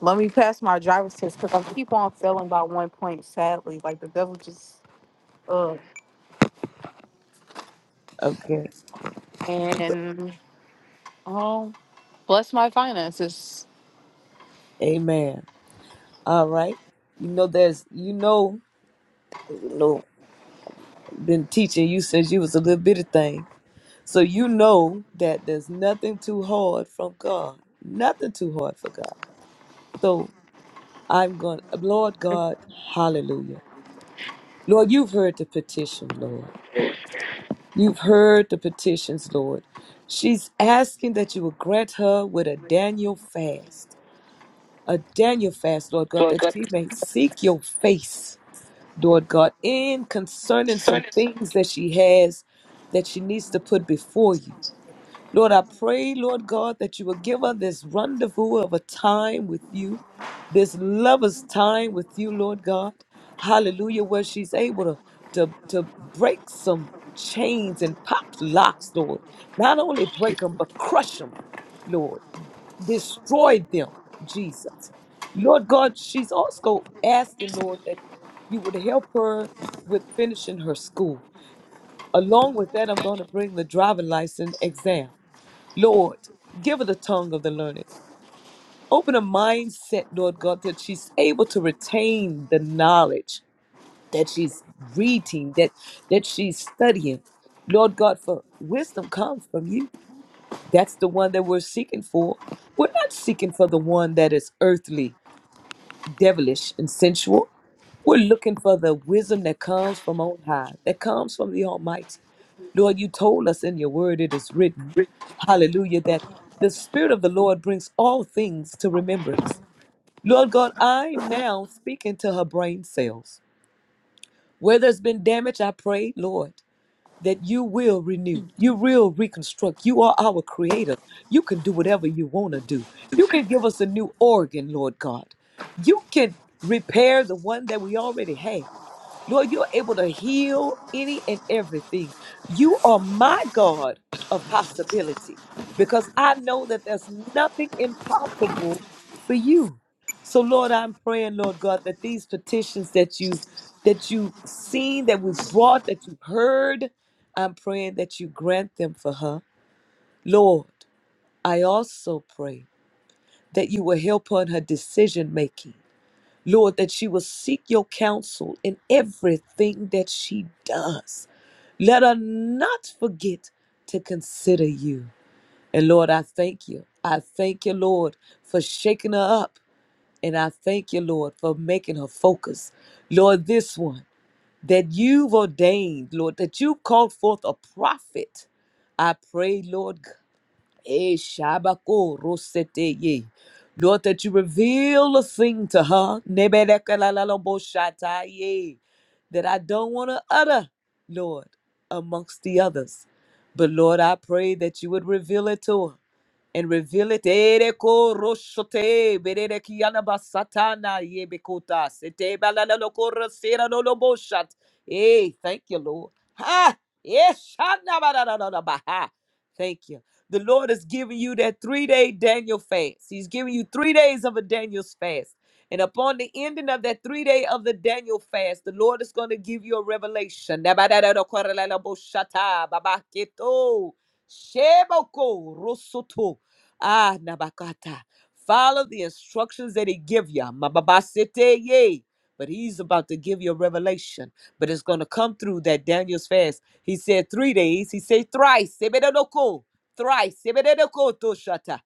[SPEAKER 5] Let me pass my driver's test because I keep on failing by one point, sadly. Like the devil just uh
[SPEAKER 2] Okay.
[SPEAKER 5] and oh bless my finances.
[SPEAKER 2] Amen. All right. You know, there's you know, you know, been teaching you since you was a little bitty thing So you know that there's nothing too hard from God, nothing too hard for God. So I'm going, Lord God, hallelujah. Lord, you've heard the petition, Lord. You've heard the petitions, Lord. She's asking that you will grant her with a Daniel fast, a Daniel fast, Lord God,
[SPEAKER 5] Lord,
[SPEAKER 2] that
[SPEAKER 5] bless
[SPEAKER 2] she may seek your face, Lord God, in concerning
[SPEAKER 5] my
[SPEAKER 2] some
[SPEAKER 5] finances.
[SPEAKER 2] things that she has that she needs to put before you. Lord, I pray, Lord God, that you will give us this rendezvous of a time with you, this lover's time with you, Lord God. Hallelujah, where she's able to, to, to break some chains and pop locks, Lord. Not only break them, but crush them, Lord. Destroy them, Jesus. Lord God, she's also asking, Lord, that you would help her with finishing her school. Along with that, I'm going to bring the driving license exam. Lord, give her the tongue of the learned. Open her mindset, Lord God, that she's able to retain the knowledge that she's reading, that that she's studying. Lord God, for wisdom comes from you. That's the one that we're seeking for. We're not seeking for the one that is earthly, devilish, and sensual. We're looking for the wisdom that comes from on high, that comes from the Almighty. Lord, you told us in your word it is written. hallelujah, that the Spirit of the Lord brings all things to remembrance. Lord God, I'm now speaking to her brain cells. Where there's been damage, I pray, Lord, that you will renew, you will reconstruct. You are our creator. You can do whatever you want to do. You can give us a new organ, Lord God. You can repair the one that we already have. Lord, you're able to heal any and everything. You are my God of possibility because I know that there's nothing impossible for you. So Lord, I'm praying, Lord God, that these petitions that you that you've seen, that we've brought, that you've heard, I'm praying that you grant them for her. Lord, I also pray that you will help her in her decision making. Lord, that she will seek your counsel in everything that she does. Let her not forget to consider you. And Lord, I thank you. I thank you, Lord, for shaking her up. And I thank you, Lord, for making her focus. Lord, this one that you've ordained, Lord, that you called forth a prophet. I pray, Lord Eh, Shabako Rosete ye, Lord, that you reveal a thing to her. Nebedekalalaboshataye, That I don't want to utter, Lord, amongst the others. But Lord, I pray that you would reveal it to her and reveal it. Ere ko roshote, berere ki basatana ye sete balala lo rasera lo lo Hey, thank you, Lord. Ha! Yes, shana ba da da da da ba ha. Thank you. The Lord is giving you that three-day Daniel fast. He's giving you three days of a Daniel's fast. And upon the ending of that three day of the Daniel fast, the Lord is going to give you a revelation. Da ba da da da ko ra la la bo shata, ba ba ke to. Sheboko rosoto. Ah, Nabakata. Follow the instructions that he give you. Mababasete ye. But he's about to give you a revelation. But it's going to come through that Daniel's fast. He said three days. He said thrice. Sebedoko. Thrice. Sebedoko toshata.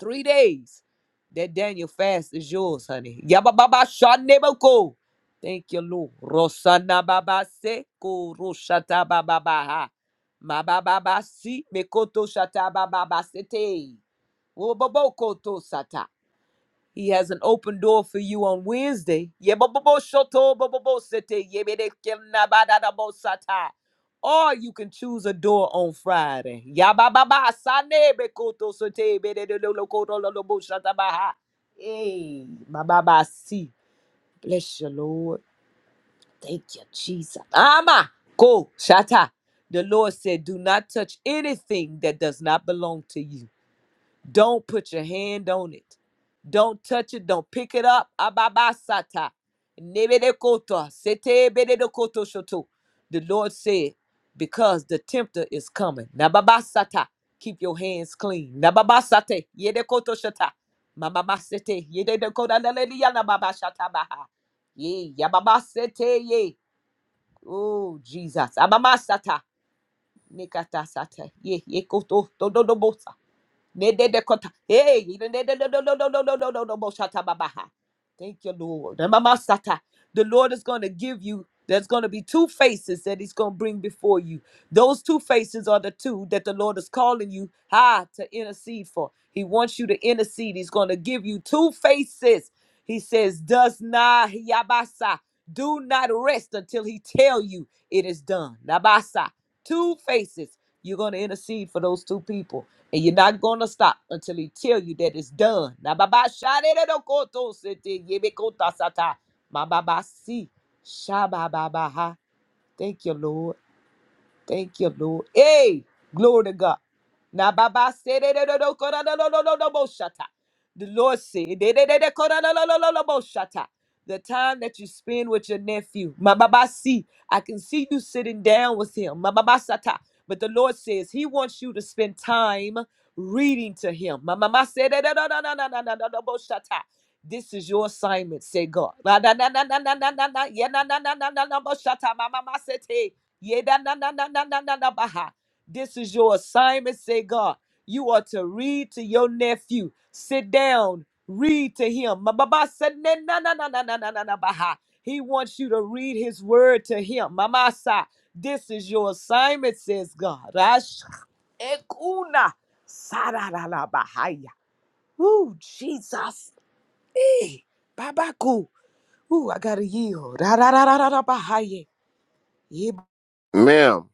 [SPEAKER 2] Three days. That Daniel fast is yours, honey. Yabababa shaneboko. Thank you, Lord. Rosana baba seko roshata baba baha. Mababa si mekoto shata baba basete. Wobobokoto sata. He has an open door for you on Wednesday. Yeboboboshoto bobobosete yebedekenabadadabosata. Or you can choose a door on Friday. Yabababa sane sote bededolokotololobosatabaha. Hey, my baba see. Bless you, Lord. Thank you, Jesus. Ama ko shata. The Lord said, Do not touch anything that does not belong to you. Don't put your hand on it. Don't touch it. Don't pick it up. Ababasata. Nebedekota. Setebedekoto shoto. The Lord said, because the tempter is coming. Nababasata. Keep your hands clean. Nababasate. Yedekoto shata. Mamamasete. Yedekota leleliya nababashata baha. Ye. Yababasete. Ye. Oh, Jesus. Abamasata. Nikata sata. Ye. Yekoto. Dododobosa. Nededekota- Hey, nedededododododododobosatababaha. Thank you, Lord. Mama Namamasata. The Lord is going to give you, there's going to be two faces that He's going to bring before you. Those two faces are the two that the Lord is calling you ah, to intercede for. He wants you to intercede. He's going to give you two faces. He says, Does not Yabasa. Do not rest until he tell you it is done. Nabasa. Two faces. You're going to intercede for those two people. And you're not going to stop until he tell you that it's done. Na baba shade de do koto sete yebe kota sata. Ma baba si. Sha ba ba ba ha. Thank you, Lord. Thank you, Lord. Hey, glory to God. Now, Baba said, "Eh, no, no, no, kora, no, no, no, no, no, bo, shata." The Lord said, "Eh, de, de, de, de, kora, no, no, no, no, no, bo, shata." The time that you spend with your nephew, my Baba see, I can see you sitting down with him, my Baba sata. But the Lord says He wants you to spend time reading to Him. My Mama said, "Eh, no, no, no, no, no, no, no, no, no, bo, shata." This is your assignment, say God. Na, na, na, na, na, na, na, na, na, yeah, na, na, na, na, na, no, bo, shata. My Mama said, "Hey." Yeah, da, da, da, da, da, da, da, da, baha. This is your assignment, say God. You are to read to your nephew. Sit down, read to him. Ma, ba, ba, sa, na na na na na na na na na, baha. He wants you to read his word to him. Mamasa, this is your assignment, says God. Ash- Ekuna sarararabahaya. Ooh, Jesus. Eh, Babaku. Ooh, I gotta yield. Rararararabahaye.
[SPEAKER 4] Ma'am.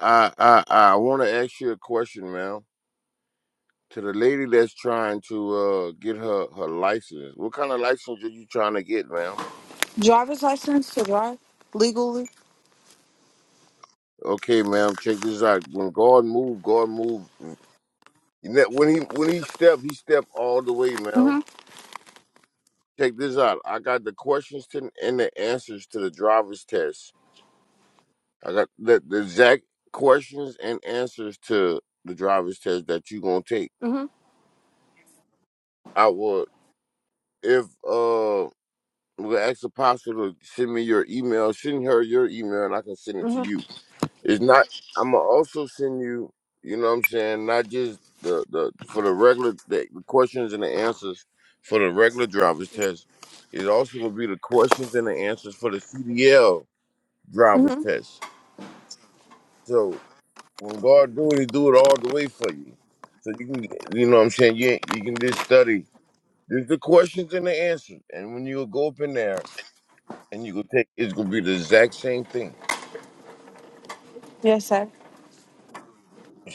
[SPEAKER 4] I I I want to ask you a question, ma'am. To the lady that's trying to uh get her her license, what kind of license are you trying to get, ma'am?
[SPEAKER 5] Driver's license to drive legally.
[SPEAKER 4] Okay, ma'am, check this out. When God move, God move. You know, When he when he step, he step all the way,
[SPEAKER 5] Mm-hmm.
[SPEAKER 4] ma'am. Check this out. I got the questions to, and the answers to the driver's test. I got the, the exact questions and answers to the driver's test that you gonna take.
[SPEAKER 5] Mm-hmm.
[SPEAKER 4] I would if uh. We'll ask Apostle to send me your email. Send her your email, and I can send it to
[SPEAKER 5] Mm-hmm.
[SPEAKER 4] you. It's not. I'm gonna also send you. You know what I'm saying? Not just the the for the regular the, questions and the answers for the regular driver's test. It also will be the questions and the answers for the CDL driver's
[SPEAKER 5] Mm-hmm.
[SPEAKER 4] test. So when God do it, He do it all the way for you. So you can, you know what I'm saying? You you can just study. There's the questions and the answers, and when you go up in there and you can take it's gonna be the exact same thing.
[SPEAKER 5] Yes, sir.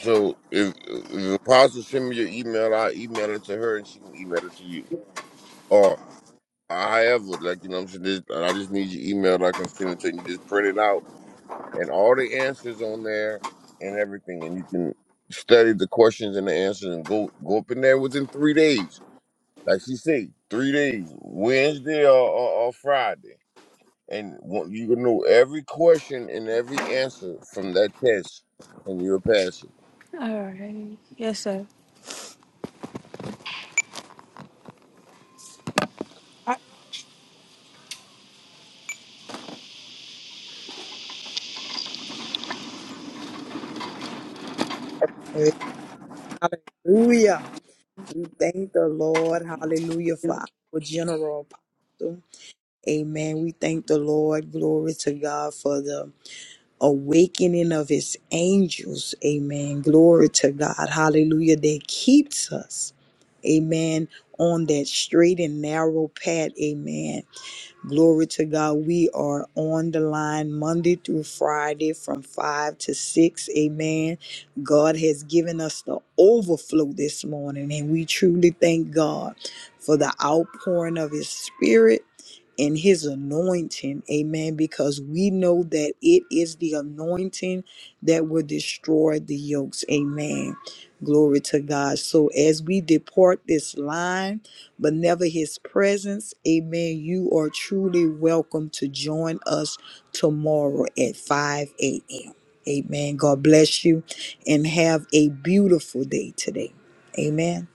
[SPEAKER 4] So if, if the apostle send me your email, I email it to her and she can email it to you. Or however, like you know what I'm saying, this, I just need your email, I can send it to you, you just print it out and all the answers on there and everything and you can study the questions and the answers and go go up in there within three days. Like she said, three days, Wednesday or, or, or Friday. and what- you can know every question and every answer from that test, and you'll pass it.
[SPEAKER 5] All right. Yes, sir.
[SPEAKER 1] Hallelujah. We thank the Lord. Hallelujah for our general apostle. Amen. We thank the Lord. Glory to God for the awakening of his angels. Amen. Glory to God. Hallelujah. That keeps us. Amen. On that straight and narrow path. Amen Glory to God. We are on the line Monday through Friday from 5 to 6. Amen. God has given us the overflow this morning, and we truly thank God for the outpouring of His Spirit and His anointing. Amen. Because we know that it is the anointing that will destroy the yokes. Amen. Glory to God. So as we depart this line, but never his presence, amen, you are truly welcome to join us tomorrow at 5 a.m. Amen. God bless you and have a beautiful day today. Amen.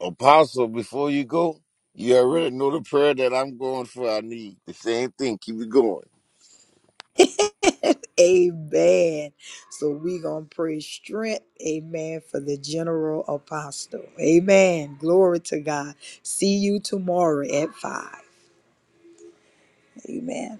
[SPEAKER 4] Apostle, before you go, you already know the prayer that I'm going for. I need the same thing. Keep it going.
[SPEAKER 1] Amen. So we going to pray strength, amen, for the general apostle. Amen. Glory to God. See you tomorrow at 5. Amen.